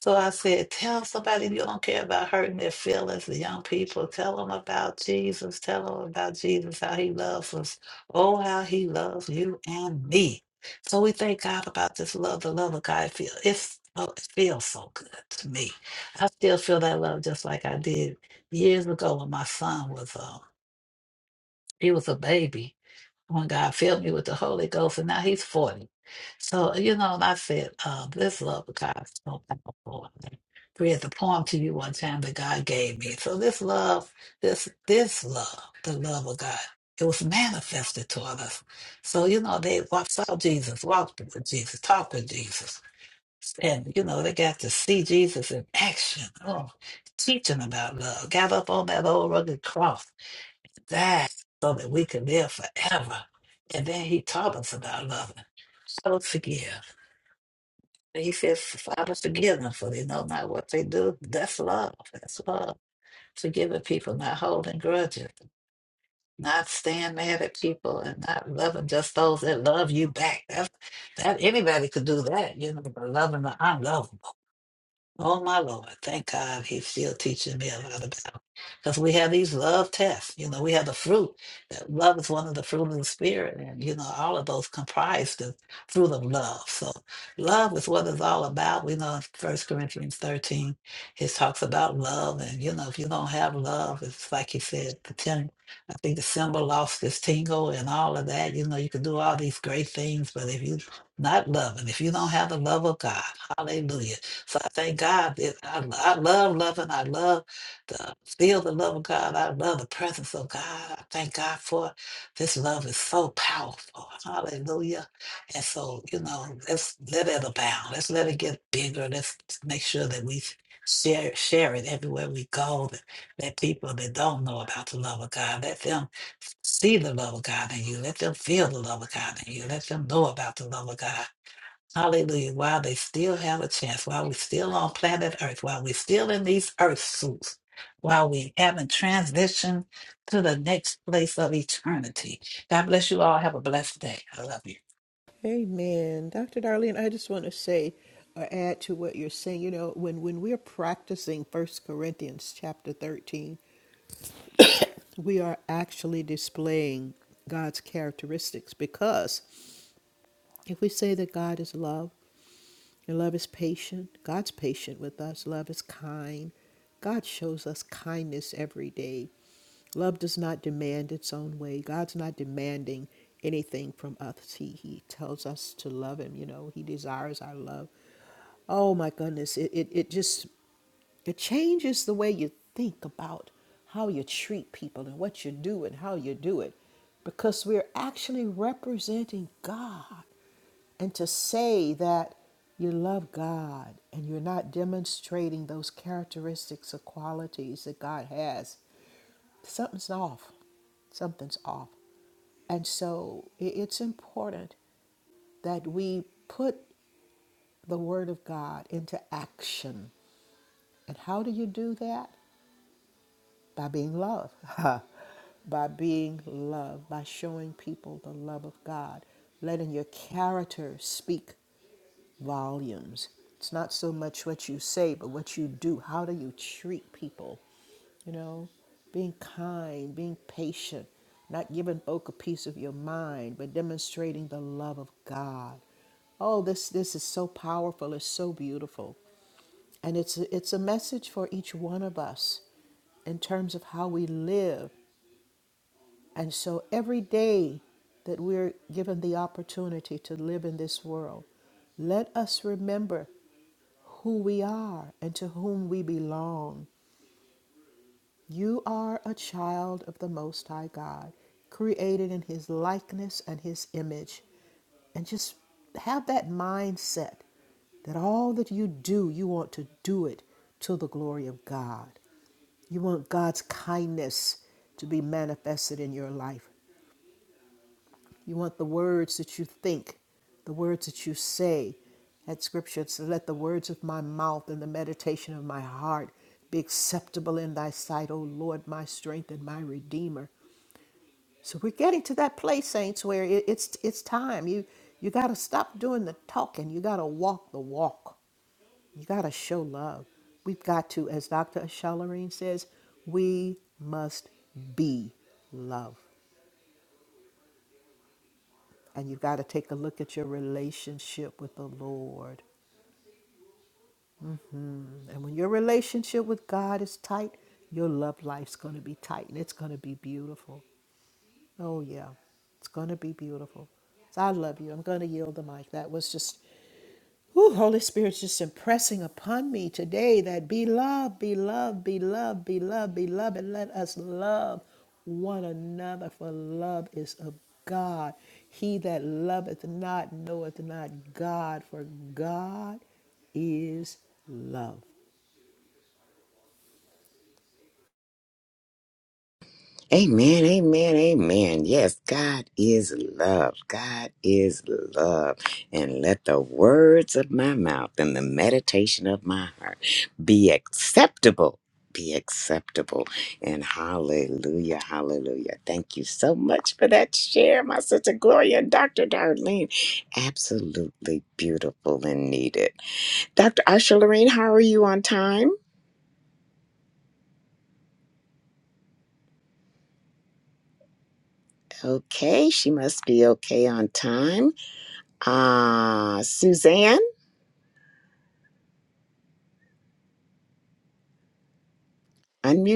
Speaker 4: so I said, tell somebody you don't care about hurting their feelings, the young people. Tell them about Jesus. Tell them about Jesus, how he loves us. Oh, how he loves you and me. So we thank God about this love, the love of God feel. It's, oh, it feels so good to me. I still feel that love just like I did years ago when my son was, um, he was a baby when God filled me with the Holy Ghost, and now he's 40. So, you know, and I said, um, this love of God is so powerful. I read the poem to you one time that God gave me. So this love, this this love, the love of God, it was manifested toward us. So, you know, they wa- saw Jesus, walked with Jesus, talked with Jesus. And, you know, they got to see Jesus in action, oh, teaching about love, got up on that old rugged cross died so that we could live forever. And then he taught us about loving. Father, forgive. And he says, Father, forgive them, for they know not what they do. That's love. That's love. Forgiving people, not holding grudges, not staying mad at people, and not loving just those that love you back. That's, that anybody could do that, you know, but loving the unlovable. Oh my Lord, thank God he's still teaching me a lot about. Because we have these love tests. You know, we have the fruit. That love is one of the fruit of the spirit. And you know, all of those comprise the fruit of love. So love is what it's all about. We know in First Corinthians 13, it talks about love. And you know, if you don't have love, it's like he said, the ten I think the symbol lost its tingle and all of that. You know, you can do all these great things, but if you not loving, if you don't have the love of God, hallelujah so I thank God that I, I love loving. I love the feel the love of God. I love the presence of God. I thank God for it. this love is so powerful. Hallelujah. And so, you know, let's let it abound. Let's let it get bigger. Let's make sure that we share share it everywhere we go. That, that people that don't know about the love of God, let them see the love of God in you. Let them feel the love of God in you. Let them know about the love of God. Hallelujah. While they still have a chance, while we're still on planet Earth, while we're still in these earth suits, while we haven't transitioned to the next place of eternity. God bless you all. Have a blessed day. I love you.
Speaker 3: Amen. Dr. Darlene, I just want to say or add to what you're saying. You know, when, when we're practicing First Corinthians chapter 13, we are actually displaying God's characteristics because if we say that God is love, And love is patient. God's patient with us. Love is kind. God shows us kindness every day. Love does not demand its own way. God's not demanding anything from us. He, he tells us to love him. You know, he desires our love. Oh my goodness. It, it, it just, it changes the way you think about how you treat people and what you do and how you do it because we're actually representing God. And to say that you love God and you're not demonstrating those characteristics or qualities that God has, something's off. Something's off. And so it's important that we put the Word of God into action. And how do you do that? By being loved. by being loved. by showing people the love of God, letting your character speak volumes. It's not so much what you say, but what you do. How do you treat people? You know, being kind, being patient, not giving folk a piece of your mind, but demonstrating the love of God. Oh, this this is so powerful. It's so beautiful, and it's it's a message for each one of us in terms of how we live. And so every day that we're given the opportunity to live in this world, let us remember who we are and to whom we belong. You are a child of the Most High God, created in His likeness and His image. And just have that mindset that all that you do, you want to do it to the glory of God. You want God's kindness to be manifested in your life. You want the words that you think, the words that you say. That scripture says, Let the words of my mouth and the meditation of my heart be acceptable in thy sight, O Lord, my strength and my redeemer. So we're getting to that place, saints, where it- it's it's time. You you gotta stop doing the talking. You gotta walk the walk. You gotta show love. We've got to, as Dr. Shalareen says, we must be love. And you've got to take a look at your relationship with the Lord. And when your relationship with God is tight, your love life's going to be tight and it's going to be beautiful. Oh, yeah. It's going to be beautiful. So I love you. I'm going to yield the mic. That was just Ooh, Holy Spirit's just impressing upon me today that be loved, be loved, be loved, be loved, be loved, and let us love one another, for love is of God. He that loveth not knoweth not God, for God is love.
Speaker 1: Amen, amen, amen. Yes, God is love. God is love. And let the words of my mouth and the meditation of my heart be acceptable. Be acceptable. And hallelujah, hallelujah. Thank you so much for that share, my sister Gloria and Dr. Darlene. Absolutely beautiful and needed. Dr. Asha Lorraine, how are you on time? Okay, she must be okay on time. Ah, Suzanne,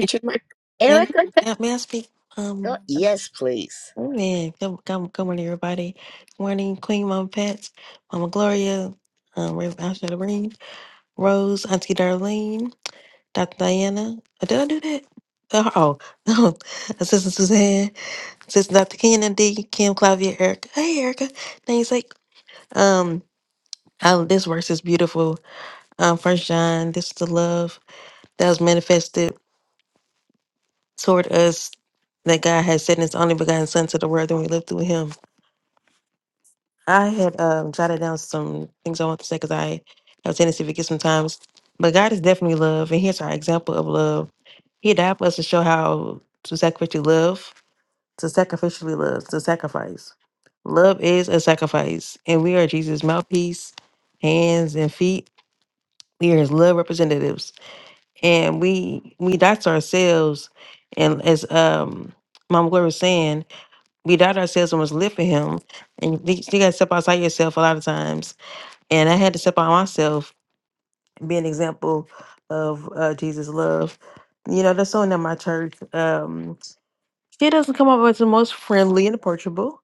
Speaker 5: May,
Speaker 1: your mic.
Speaker 5: may
Speaker 1: Erica,
Speaker 5: may I speak?
Speaker 1: go.
Speaker 5: Um,
Speaker 1: Yes, please.
Speaker 5: man, good, good, good morning, everybody. Good morning, Queen Mama Pets, Mama Gloria, um, Rev. Asha Doreen, Rose, Auntie Darlene, Dr. Diana. Oh, did I do that? Uh, Oh, no, Assistant Suzanne, Assistant Dr. Kenan D, Kim, Clavia, Erica. Hey, Erica. Thanks, like, um, oh, this verse is beautiful. Um, First John, this is the love that was manifested toward us that God has sent His only begotten Son to the world, and we live through Him. I had um, jotted down some things I want to say because I have a tendency to forget sometimes. But God is definitely love, and here's our example of love. He died for us to show how to sacrificially love, to sacrificially love, to sacrifice. Love is a sacrifice, and we are Jesus' mouthpiece, hands and feet. We are His love representatives, and we we die to ourselves. And as um, Mama Gloria was saying, we doubt ourselves and was live for him. And you, you gotta step outside yourself a lot of times. And I had to step out myself and be an example of uh, Jesus' love. You know, that's someone at my church. Um, she doesn't come up as the most friendly and approachable.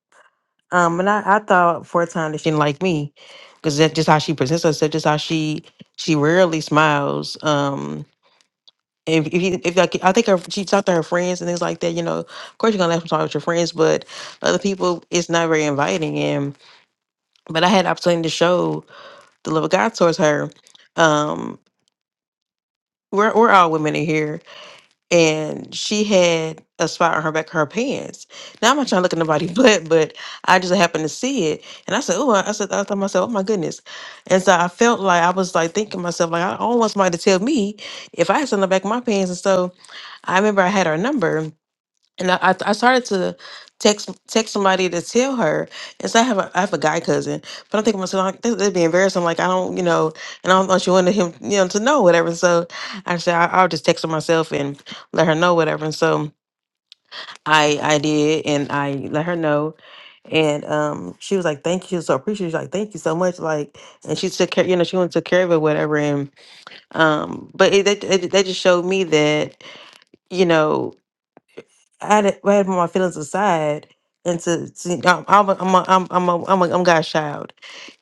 Speaker 5: Um, and I, I thought for a time that she didn't like me because that's just how she presents herself, just how she she rarely smiles. Um, if if, you, if like, I think her, she talked to her friends and things like that, you know, of course you're gonna have to talk with your friends, but other people, it's not very inviting. but I had an opportunity to show the love of God towards her. Um, we're we're all women in here, and she had a spot on her back of her pants. Now I'm not trying to look at nobody but but I just happened to see it, and I said, "Oh!" I said, I thought to myself, "Oh my goodness!" And so I felt like I was like thinking to myself, like I almost want somebody to tell me if I had something on the back of my pants. And so I remember I had her number, and I, I I started to text text somebody to tell her. And so I have a I have a guy cousin, but I'm thinking to myself like this, would be embarrassing. Like I don't, you know, and I don't want you wanted him, you know, to know whatever. So I said I, I'll just text her myself and let her know whatever. And so I I did, and I let her know, and um she was like, "Thank you, so appreciate you." Like, "Thank you so much." Like, and she took care, you know, she went and took care of it, whatever. And um, but it, it, it that just showed me that you know. I had I had to put my feelings aside and to, to I'm I'm a, I'm a, I'm I'm a, I'm, a, I'm God's child,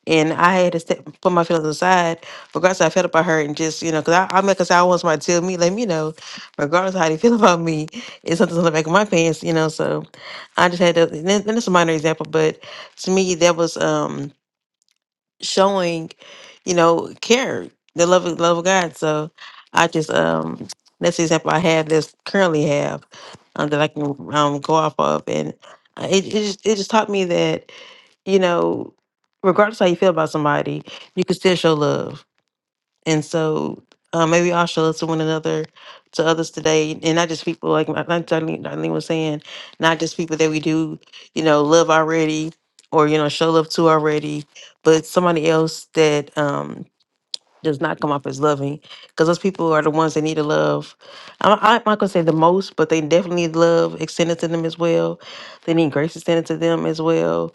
Speaker 5: and I had to step, put my feelings aside, regardless how I felt about her, and just you know, cause I I mean, cause I always want somebody to tell me, let me know, regardless of how they feel about me, it's something on the back of my pants, you know. So I just had to. And that- and that's a minor example, but to me that was um showing, you know, care, the love of love of God. So I just um that's the example I have that's currently have um, that I can um go off of, and uh, it it just, it just taught me that you know, regardless how you feel about somebody, you can still show love and so uh, maybe I'll show us to one another, to others today, and not just people like my- like Darlene, Darlene was saying, not just people that we do, you know, love already or you know show love to already, but somebody else that um does not come off as loving, because those people are the ones that need to love. I'm, I'm not gonna say the most, but they definitely need love extended to them as well. They need grace extended to them as well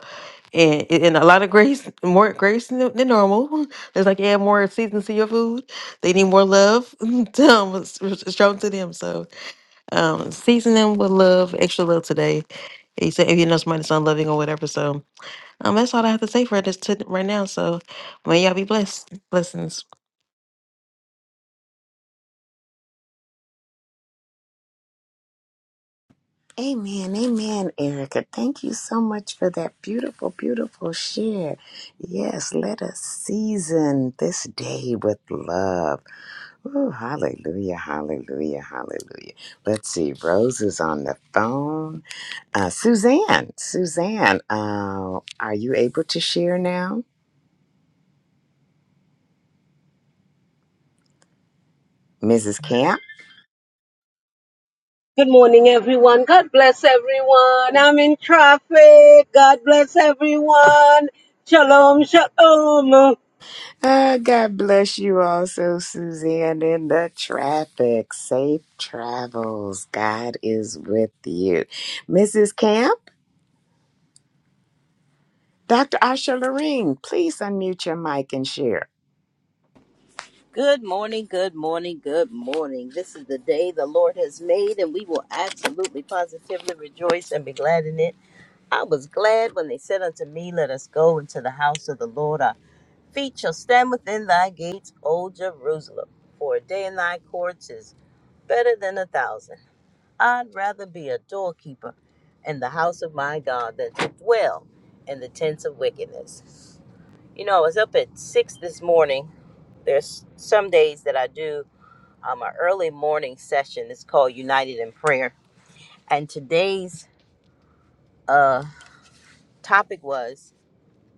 Speaker 5: and and a lot of grace, more grace than, than normal. There's like add more seasoning to your food. They need more love um, was- was shown to them. So um, season them with love, extra love today. You say if you know somebody's unloving or whatever. So um, that's all I have to say for this to, right now. So may y'all be blessed. Blessings.
Speaker 1: Amen, amen, Erica. Thank you so much for that beautiful, beautiful share. Yes, let us season this day with love. Ooh, hallelujah, hallelujah, hallelujah. Let's see, Rose is on the phone. Uh, Suzanne, Suzanne, uh, are you able to share now? Mrs. Camp?
Speaker 6: Good morning, everyone. God bless everyone. I'm in traffic. God bless everyone. Shalom, shalom.
Speaker 1: Ah, God bless you also, Suzanne, in the traffic. Safe travels. God is with you. Mrs. Camp, Dr. Asha Loreen, please unmute your mic and share.
Speaker 7: Good morning, good morning, good morning. This is the day the Lord has made, and we will absolutely positively rejoice and be glad in it. I was glad when they said unto me, Let us go into the house of the Lord. Our feet shall stand within thy gates, O Jerusalem. For a day in thy courts is better than a thousand. I'd rather be a doorkeeper in the house of my God than to dwell in the tents of wickedness. You know, I was up at six this morning. There's some days that I do um, an early morning session. It's called United in Prayer. And today's uh, topic was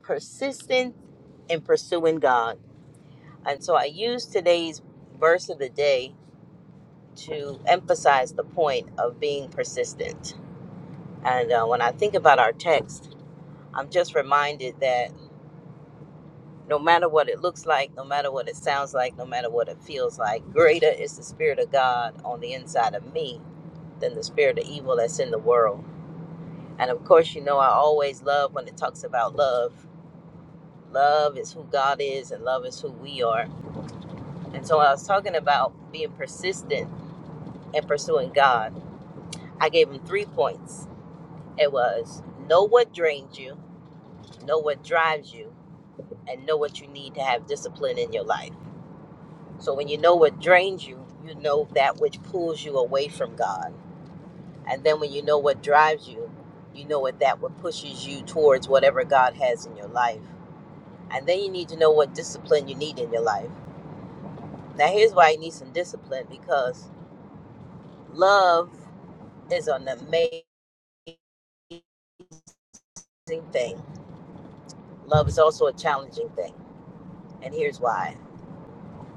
Speaker 7: persistent in pursuing God. And so I used today's verse of the day to emphasize the point of being persistent. And uh, when I think about our text, I'm just reminded that no matter what it looks like, no matter what it sounds like, no matter what it feels like, greater is the Spirit of God on the inside of me than the spirit of evil that's in the world. And of course, you know, I always love when it talks about love. Love is who God is, and love is who we are. And so, when I was talking about being persistent and pursuing God, I gave him three points. It was know what drains you, know what drives you, and know what you need to have discipline in your life. So, when you know what drains you, you know that which pulls you away from God. And then, when you know what drives you, you know what that what pushes you towards whatever God has in your life. And then you need to know what discipline you need in your life. Now, here's why you need some discipline because love is an amazing thing. Love is also a challenging thing. And here's why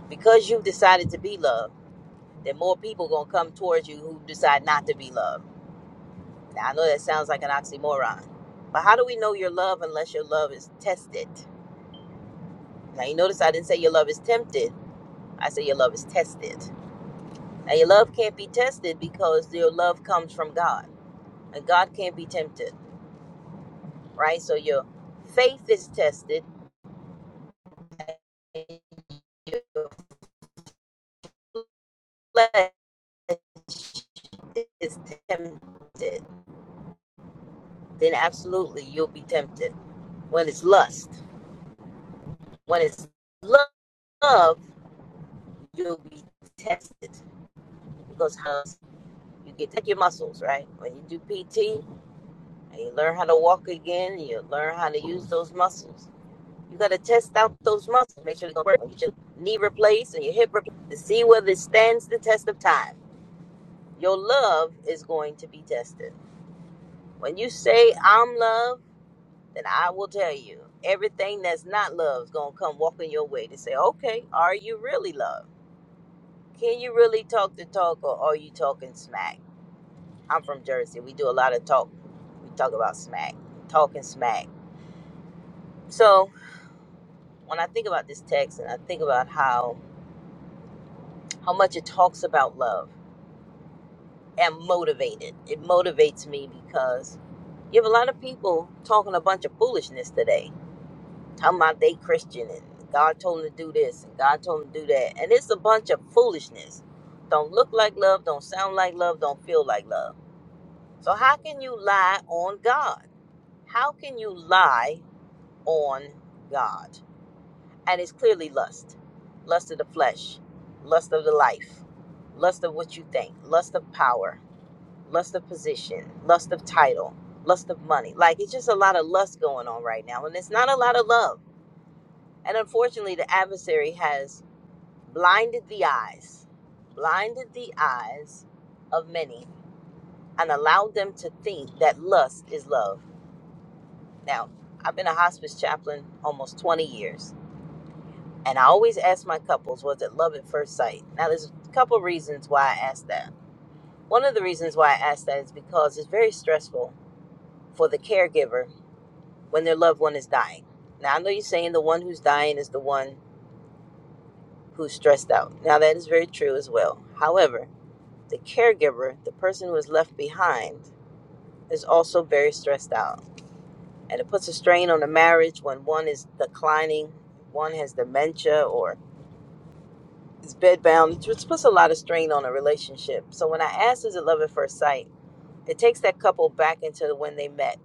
Speaker 7: because you've decided to be loved, then more people are going to come towards you who decide not to be loved. Now, I know that sounds like an oxymoron, but how do we know your love unless your love is tested? Now, you notice I didn't say your love is tempted, I said your love is tested. Now, your love can't be tested because your love comes from God. and God can't be tempted, right? So your faith is tested, and your flesh is tempted. Then absolutely you'll be tempted. When it's lust, when it's love, you'll be tested because how you get to your muscles, right? When you do PT and you learn how to walk again, you learn how to use those muscles You got to test out those muscles, make sure they're going to work. Get your knee replaced and your hip replaced to see whether it stands the test of time. Your love is going to be tested. When you say, I'm love, then I will tell you everything that's not love is going to come walking your way to say, okay, are you really love? Can you really talk the talk or are you talking smack? I'm from Jersey. We do a lot of talk. We talk about smack, talking smack. So when I think about this text and I think about how how much it talks about love. am motivated. It motivates me because you have a lot of people talking a bunch of foolishness today, talking about they Christian and God told them to do this and God told them to do that, and it's a bunch of foolishness. Don't look like love, don't sound like love, don't feel like love. So how can you lie on God? How can you lie on God? And it's clearly lust, lust of the flesh, lust of the life, lust of what you think, lust of power lust of position, lust of title, lust of money. Like it's just a lot of lust going on right now, and it's not a lot of love. And unfortunately, the adversary has blinded the eyes, blinded the eyes of many, and allowed them to think that lust is love. Now, I've been a hospice chaplain almost 20 years, and I always ask my couples, was it love at first sight? Now, there's a couple reasons why I ask that. One of the reasons why I ask that is because it's very stressful for the caregiver when their loved one is dying. Now, I know you're saying the one who's dying is the one who's stressed out. Now, that is very true as well. However, the caregiver, the person who is left behind, is also very stressed out. And it puts a strain on the marriage when one is declining, one has dementia, or is bedbound. It puts a lot of strain on a relationship. So, when I asked, is it love at first sight? It takes that couple back into when they met.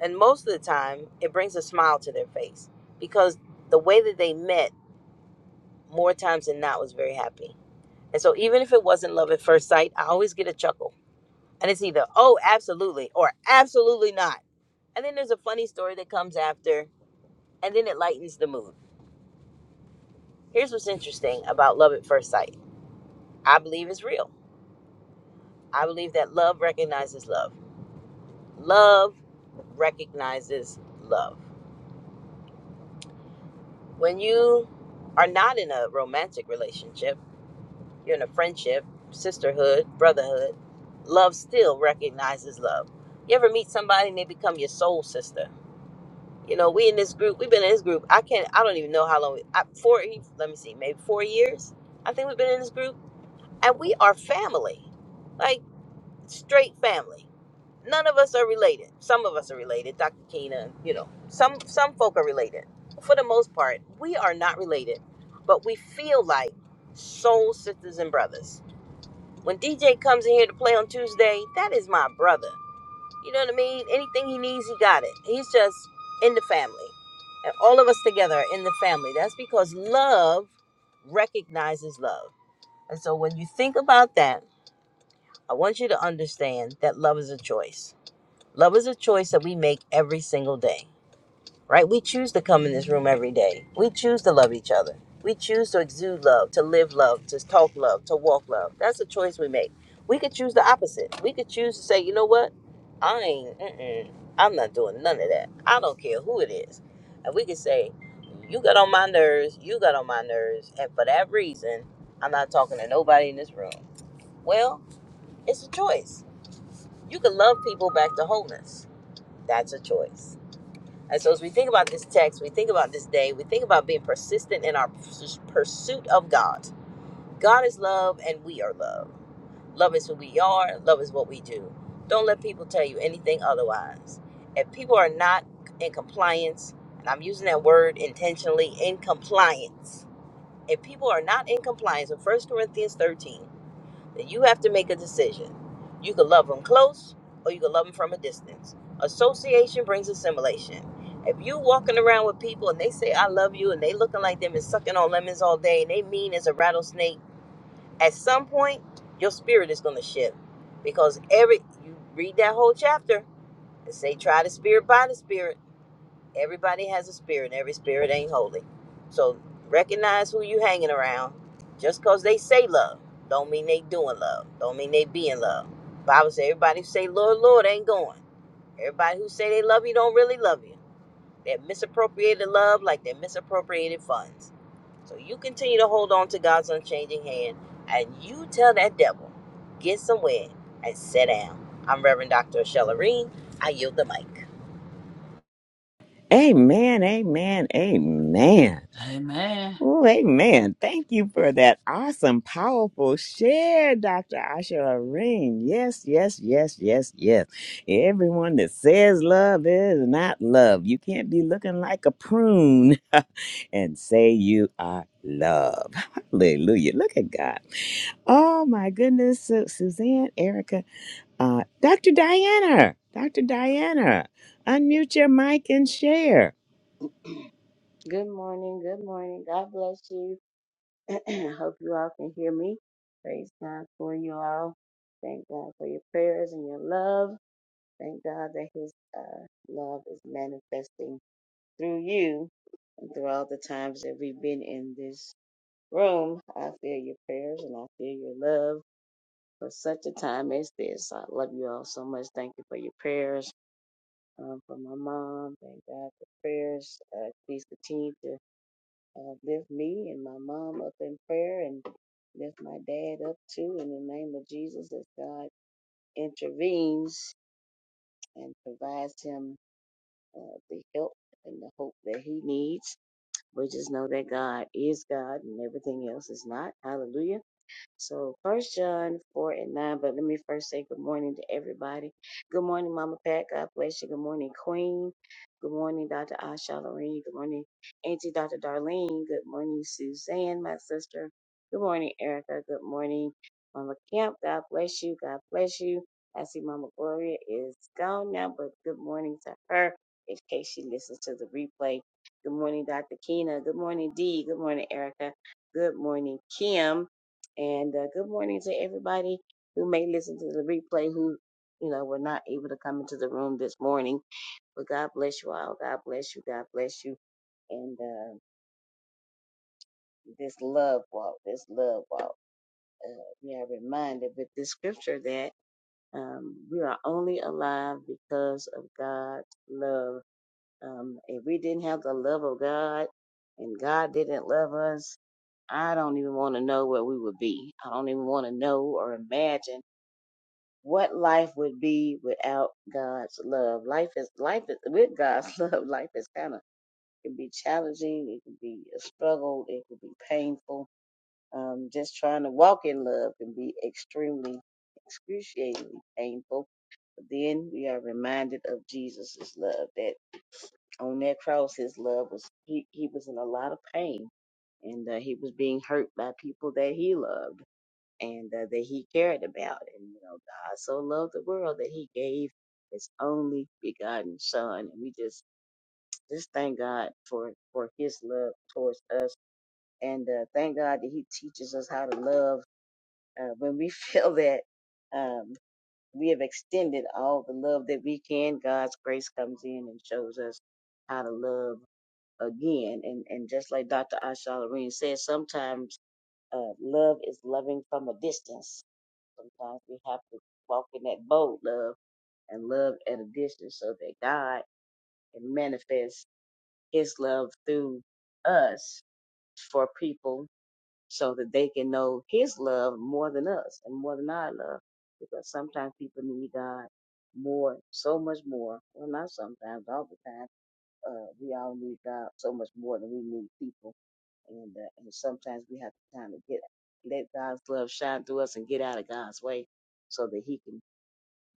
Speaker 7: And most of the time, it brings a smile to their face because the way that they met more times than not was very happy. And so even if it wasn't love at first sight, I always get a chuckle. And it's either, oh, absolutely, or absolutely not. And then there's a funny story that comes after, and then it lightens the mood. Here's what's interesting about love at first sight I believe it's real. I believe that love recognizes love. Love recognizes love. When you are not in a romantic relationship, You're in a friendship, sisterhood, brotherhood. Love still recognizes love. You ever meet somebody and they become your soul sister? You know, we in this group, we've been in this group. I can't, I don't even know how long, I, four, let me see, maybe four years. I think we've been in this group. And we are family, like straight family. None of us are related. Some of us are related, Dr. Keena, you know, some, some folk are related. For the most part, we are not related, but we feel like soul sisters and brothers when DJ comes in here to play on Tuesday, that is my brother. You know what I mean? Anything he needs, he got it. He's just in the family. And all of us together are in the family. That's because love recognizes love. And so when you think about that, I want you to understand that love is a choice. Love is a choice that we make every single day right? We choose to come in this room every day. We choose to love each other. We choose to exude love, to live love, to talk love, to walk love. That's a choice we make. We could choose the opposite. We could choose to say, you know what? I ain't, mm-mm, I'm not doing none of that. I don't care who it is. And we could say, you got on my nerves, you got on my nerves, and for that reason, I'm not talking to nobody in this room. Well, it's a choice. You can love people back to wholeness. That's a choice and so, as we think about this text, we think about this day, we think about being persistent in our purs- pursuit of God. God is love, and we are love. Love is who we are, love is what we do. Don't let people tell you anything otherwise. If people are not in compliance, and I'm using that word intentionally, in compliance, if people are not in compliance with First Corinthians 13, you have to make a decision. You can love them close or you can love them from a distance. Association brings assimilation. If you walking around with people and they say I love you and they looking like them and sucking on lemons all day and they mean as a rattlesnake, at some point your spirit is gonna shift. Because every you read that whole chapter and say try the spirit by the spirit. Everybody has a spirit, every spirit ain't holy. So recognize who you hanging around. Just cause they say love, don't mean they doing love. Don't mean they being love. Bible says everybody who say Lord, Lord ain't going. Everybody who say they love you don't really love you. They misappropriated love like they misappropriated funds. So you continue to hold on to God's unchanging hand, and you tell that devil, get somewhere and sit down. I'm Reverend Dr. Shella Reen. I yield the mic.
Speaker 1: Amen, amen, amen.
Speaker 4: Amen.
Speaker 1: Ooh, amen. Thank you for that awesome, powerful share, Dr. Asha Areen. Yes, yes, yes, yes, yes. Everyone that says love is not love. You can't be looking like a prune and say you are love. Hallelujah. Look at God. Oh, my goodness. Su- Suzanne, Erica, uh, Dr. Diana, Dr. Diana, unmute your mic and share.
Speaker 8: Good morning. Good morning. God bless you. I Hope you all can hear me. Praise God for you all. Thank God for your prayers and your love. Thank God that His uh, love is manifesting through you and through all the times that we've been in this room. I feel your prayers and I feel your love for such a time as this. I love you all so much. Thank you for your prayers. Um, for my mom, thank God for prayers. Uh, please continue to Uh, lift me and my mom up in prayer and lift my dad up too in the name of Jesus as God intervenes and provides him uh, the help and the hope that he needs. We just know that God is God and everything else is not. Hallelujah so first John four and nine, but let me first say good morning to everybody. Good morning, Mama Pat. God bless you. Good morning, Queen. Good morning, Dr. Asha Lorraine. Good morning, Auntie Dr. Darlene. Good morning, Suzanne, my sister. Good morning, Erica. Good morning, Mama Camp. God bless you. God bless you. I see Mama Gloria is gone now, but good morning to her in case she listens to the replay. Good morning, Dr. Keena. Good morning, Dee. Good morning, Erica. Good morning, Kim. And uh, good morning to everybody who may listen to the replay who, you know, were not able to come into the room this morning. But God bless you all. God bless you. God bless you. And uh, this love walk, this love walk, uh, we are reminded with this scripture that um, we are only alive because of God's love. Um, if we didn't have the love of God and God didn't love us, I don't even want to know where we would be. I don't even want to know or imagine What life would be without God's love? Life is life is with God's love. Life is kind of can be challenging. It can be a struggle. It can be painful. Um, just trying to walk in love can be extremely excruciatingly painful. But then we are reminded of Jesus' love that on that cross, his love was he, he was in a lot of pain and uh, he was being hurt by people that he loved and uh, that he cared about. And you know, God so loved the world that he gave his only begotten son. And we just just thank God for for his love towards us, and uh, thank God that he teaches us how to love uh, when we feel that. Um, we have extended all the love that we can. God's grace comes in and shows us how to love again. And and just like Dr. Asha Loreen said, sometimes uh, love is loving from a distance Sometimes we have to walk in that bold love and love at a distance so that God can manifest his love through us for people so that they can know his love more than us and more than our love. Because sometimes people need God more, so much more. Well, not sometimes, all the time. Uh, we all need God so much more than we need people. And, uh, and sometimes we have to kind of get let God's love shine through us and get out of God's way so that he can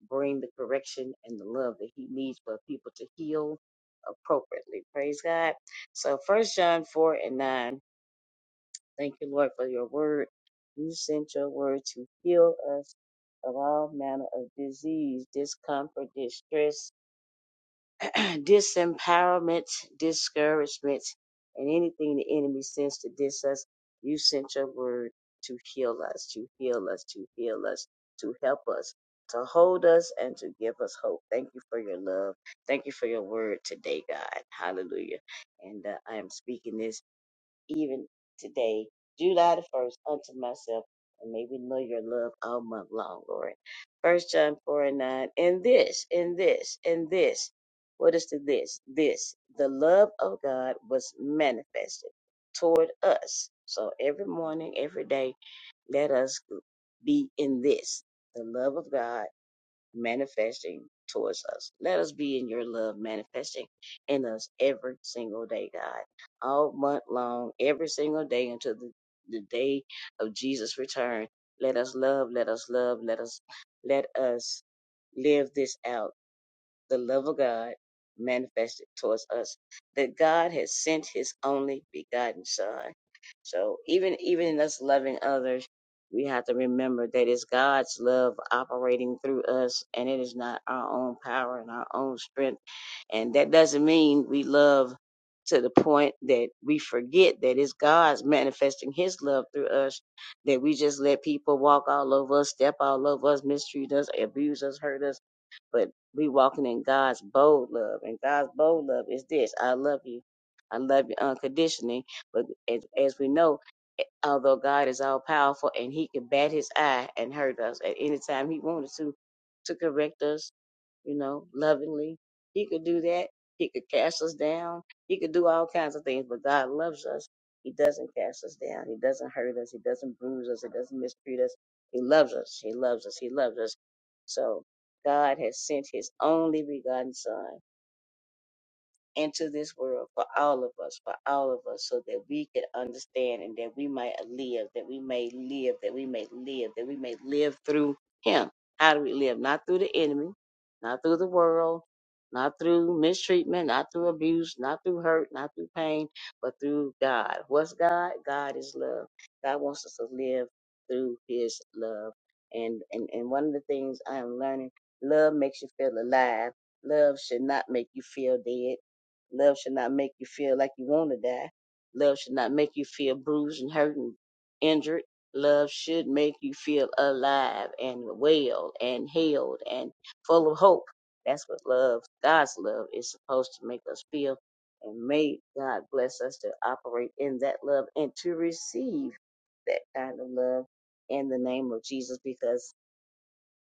Speaker 8: bring the correction and the love that he needs for people to heal appropriately. Praise God. So first John four and nine. Thank you, Lord, for your word. You sent your word to heal us of all manner of disease, discomfort, distress, disempowerment, discouragement, and anything the enemy sends to diss us, you sent your word to heal us, to heal us, to heal us, to help us, to hold us, and to give us hope. Thank you for your love. Thank you for your word today, God. Hallelujah. And uh, I am speaking this even today, July the first, unto myself, and may we know your love all month long, Lord. First John four and nine, and this, and this, and this. What is the this? This. The love of God was manifested toward us. So every morning, every day, let us be in this, the love of God manifesting towards us. Let us be in your love manifesting in us every single day, God. All month long, every single day until the, the day of Jesus' return. Let us love, let us love, let us let us live this out the love of God manifested towards us that God has sent his only begotten son. So even even in us loving others, we have to remember that it's God's love operating through us and it is not our own power and our own strength. And that doesn't mean we love to the point that we forget that it's God's manifesting his love through us, that we just let people walk all over us, step all over us, mistreat us, abuse us, hurt us but we walking in God's bold love. And God's bold love is this: I love you, I love you unconditionally. But as, as we know, eh, although God is all powerful and He can bat His eye and hurt us at any time He wanted to, to correct us you know, lovingly. He could do that. He could cast us down. He could do all kinds of things, but God loves us. He doesn't cast us down. He doesn't hurt us. He doesn't bruise us. He doesn't mistreat us. He loves us. He loves us. He loves us. So God has sent his only begotten son into this world for all of us, for all of us, so that we could understand and that we might live, that we may live, that we may live, that we may live through Him. How do we live? Not through the enemy, not through the world, not through mistreatment, not through abuse, not through hurt, not through pain, but through God. What's God? God is love. God wants us to live through His love. And, and, and one of the things I am learning, love makes you feel alive. Love should not make you feel dead Love should not make you feel like you want to die. Love should not make you feel bruised and hurt and injured. Love should make you feel alive and well and held and full of hope. That's what love, God's love, is supposed to make us feel. And may God bless us to operate in that love and to receive that kind of love in the name of Jesus because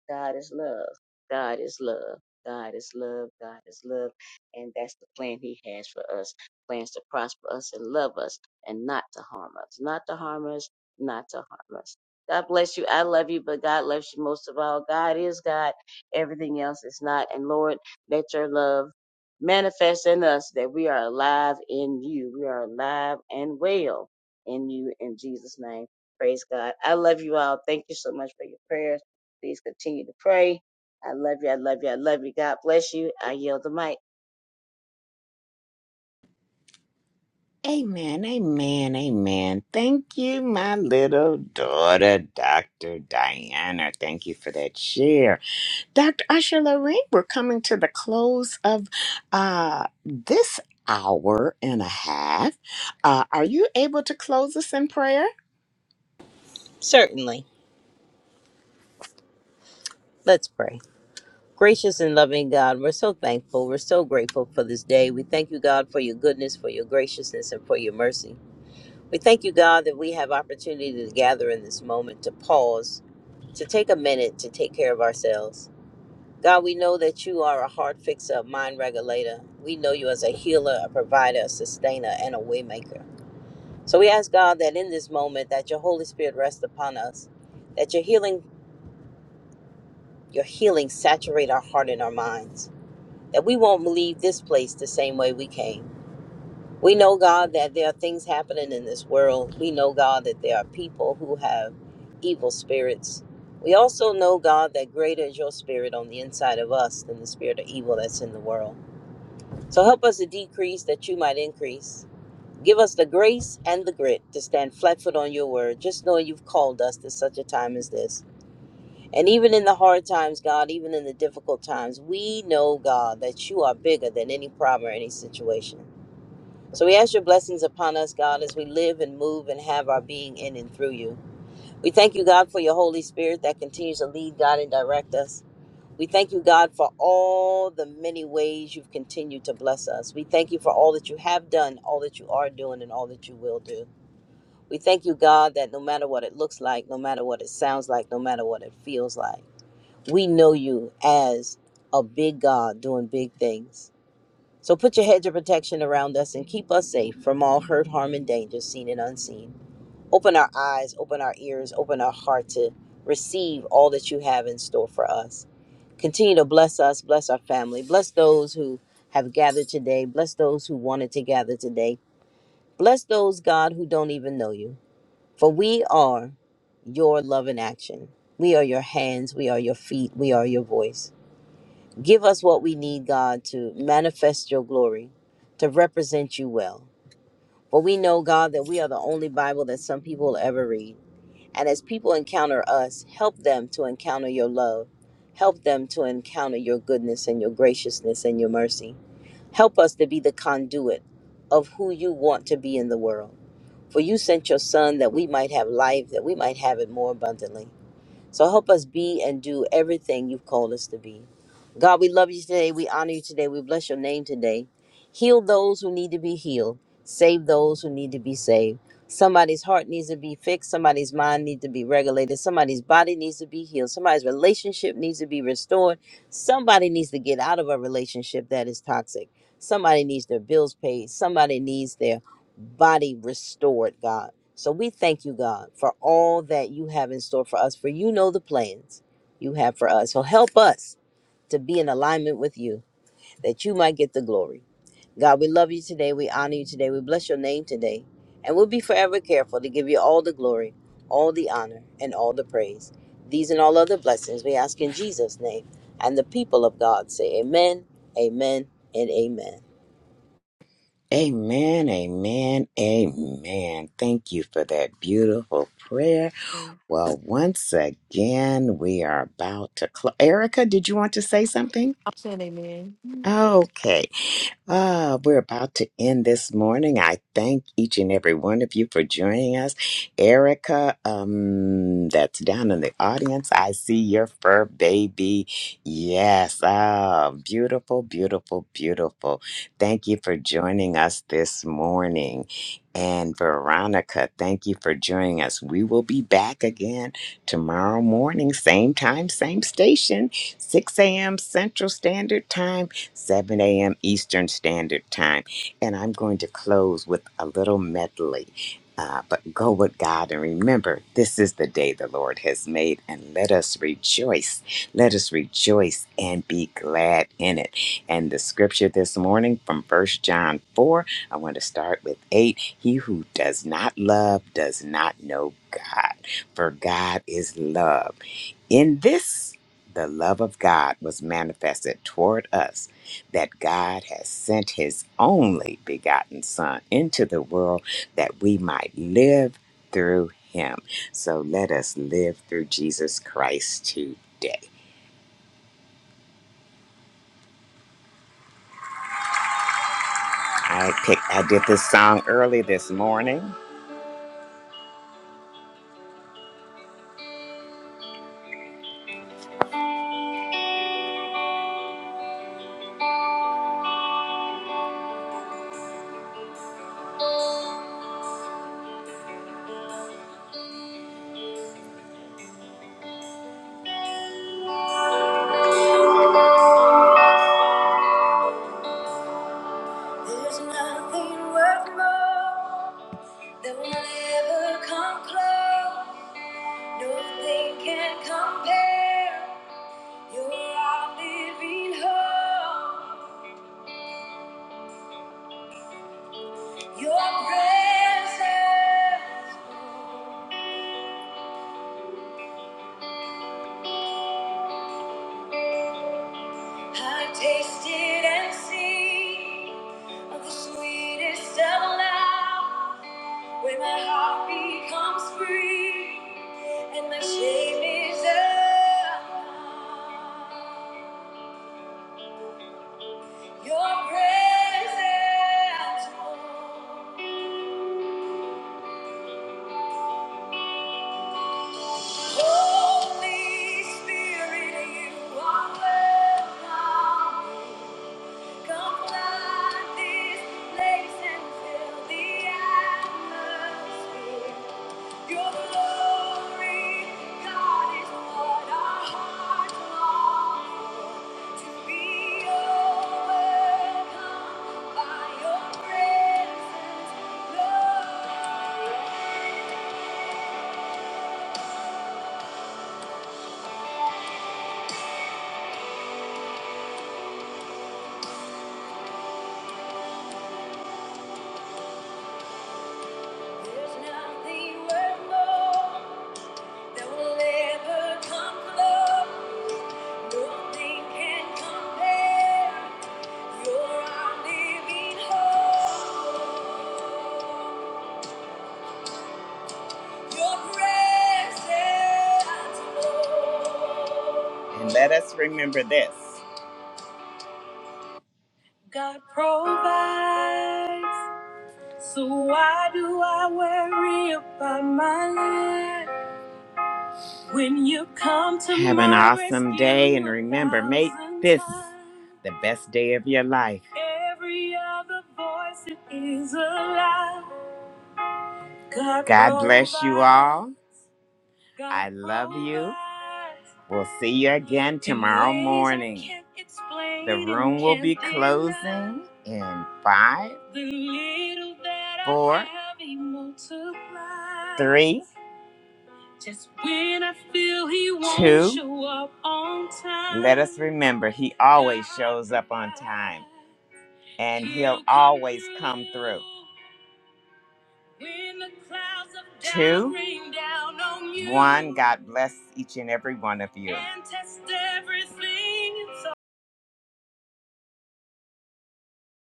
Speaker 8: God is love. God is love. God is love. God is love. And that's the plan He has for us. Plans to prosper us and love us and not to harm us. Not to harm us. Not to harm us. God bless you. I love you, but God loves you most of all. God is God. Everything else is not. And Lord, let your love manifest in us that we are alive in you. We are alive and well in you in Jesus' name. Praise God. I love you all. Thank you so much for your prayers. Please continue to pray. I love you. I love you. I love you. God bless you. I yield the mic.
Speaker 1: Amen, amen, amen. Thank you, my little daughter, Dr. Diana. Thank you for that share. Dr. Usher Lorraine, we're coming to the close of uh, this hour and a half. Uh, are you able to close us in prayer?
Speaker 7: Certainly. Let's pray. Gracious and loving God, we're so thankful. We're so grateful for this day. We thank you, God, for your goodness, for your graciousness, and for your mercy. We thank you, God, that we have opportunity to gather in this moment to pause, to take a minute to take care of ourselves. God, we know that you are a heart fixer, a mind regulator. We know you as a healer, a provider, a sustainer, and a waymaker. So we ask God that in this moment that your Holy Spirit rest upon us, that your healing, your healing saturate our heart and our minds. that we won't leave this place the same way we came. We know, God, that there are things happening in this world. We know, God, that there are people who have evil spirits. We also know, God, that greater is your spirit on the inside of us than the spirit of evil that's in the world. So help us to decrease that you might increase. Give us the grace and the grit to stand flat foot on your word, just knowing you've called us to such a time as this. And even in the hard times, God, even in the difficult times, we know, God, that you are bigger than any problem or any situation. So we ask your blessings upon us, God, as we live and move and have our being in and through you. We thank you, God, for your Holy Spirit that continues to lead, God, and direct us. We thank you, God, for all the many ways you've continued to bless us. We thank you for all that you have done, all that you are doing, and all that you will do. We thank you, God, that no matter what it looks like, no matter what it sounds like, no matter what it feels like, we know you as a big God doing big things. So put your hedge of protection around us and keep us safe from all hurt, harm, and danger, seen and unseen. Open our eyes, open our ears, open our heart to receive all that you have in store for us. Continue to bless us, bless our family, bless those who have gathered today, bless those who wanted to gather today, bless those, God, who don't even know you. For we are your love in action. We are your hands, we are your feet, we are your voice. Give us what we need, God, to manifest your glory, to represent you well. For we know, God, that we are the only Bible that some people will ever read. And as people encounter us, help them to encounter your love. Help them to encounter your goodness and your graciousness and your mercy. Help us to be the conduit of who you want to be in the world. For you sent your Son that we might have life, that we might have it more abundantly. So help us be and do everything you've called us to be. God, we love you today. We honor you today. We bless your name today. Heal those who need to be healed. Save those who need to be saved. Somebody's heart needs to be fixed. Somebody's mind needs to be regulated. Somebody's body needs to be healed. Somebody's relationship needs to be restored. Somebody needs to get out of a relationship that is toxic. Somebody needs their bills paid. Somebody needs their body restored, God. So we thank you, God, for all that you have in store for us, for you know the plans you have for us. So help us to be in alignment with you that you might get the glory. God, we love you today. We honor you today. We bless your name today. And we'll be forever careful to give you all the glory, all the honor, and all the praise. These and all other blessings we ask in Jesus' name. And the people of God say, Amen, Amen, and Amen.
Speaker 1: Amen, amen, amen. Thank you for that beautiful prayer.
Speaker 5: Mm.
Speaker 1: Well, once again, we are about to close. Erica, did you want to say something?
Speaker 5: I'm saying amen.
Speaker 1: Okay. Ah, we're about to end this morning. I thank each and every one of you for joining us. Erica, um, that's down in the audience. I see your fur baby. Yes. Ah, beautiful, beautiful, beautiful. Thank you for joining us this morning. And Veronica, thank you for joining us. We will be back again tomorrow morning, same time, same station. 6 a.m. Central Standard Time, 7 a.m. Eastern Standard Time. And I'm going to close with a little medley. Uh, but go with God and remember, this is the day the Lord has made, and let us rejoice. Let us rejoice and be glad in it. And the scripture this morning from First John 4, I want to start with 8. He who does not love does not know God, for God is love. In this the love of God was manifested toward us, that God has sent his only begotten Son into the world that we might live through him. So let us live through Jesus Christ today. I picked I did this song early this morning. There's nothing worth more that will never come close. Nothing can compare. You're our living hope. Your presence, I tasted and see of the sweetest of love, where my heart becomes free and my shame is undone. Your presence, Holy Spirit, you are welcome. Come fly this place and fill the atmosphere. Your glory, God, is what our hearts long for. Be overcome by your presence, Lord. There's nothing worth more that will ever come close. Nothing can compare. And let us remember this. So why do I worry about my life when you come to Have an my awesome rescue day and remember, make a thousand this times? the best day of your life. Every other voice is a lie. God, God bless you all. I love you. We'll see you again tomorrow morning. The room will be closing in five, four, three, just when I feel he won't two. show up on time. Let us remember, he always shows up on time and he'll always come through. Two. One. God bless each and every one of you. And test everything so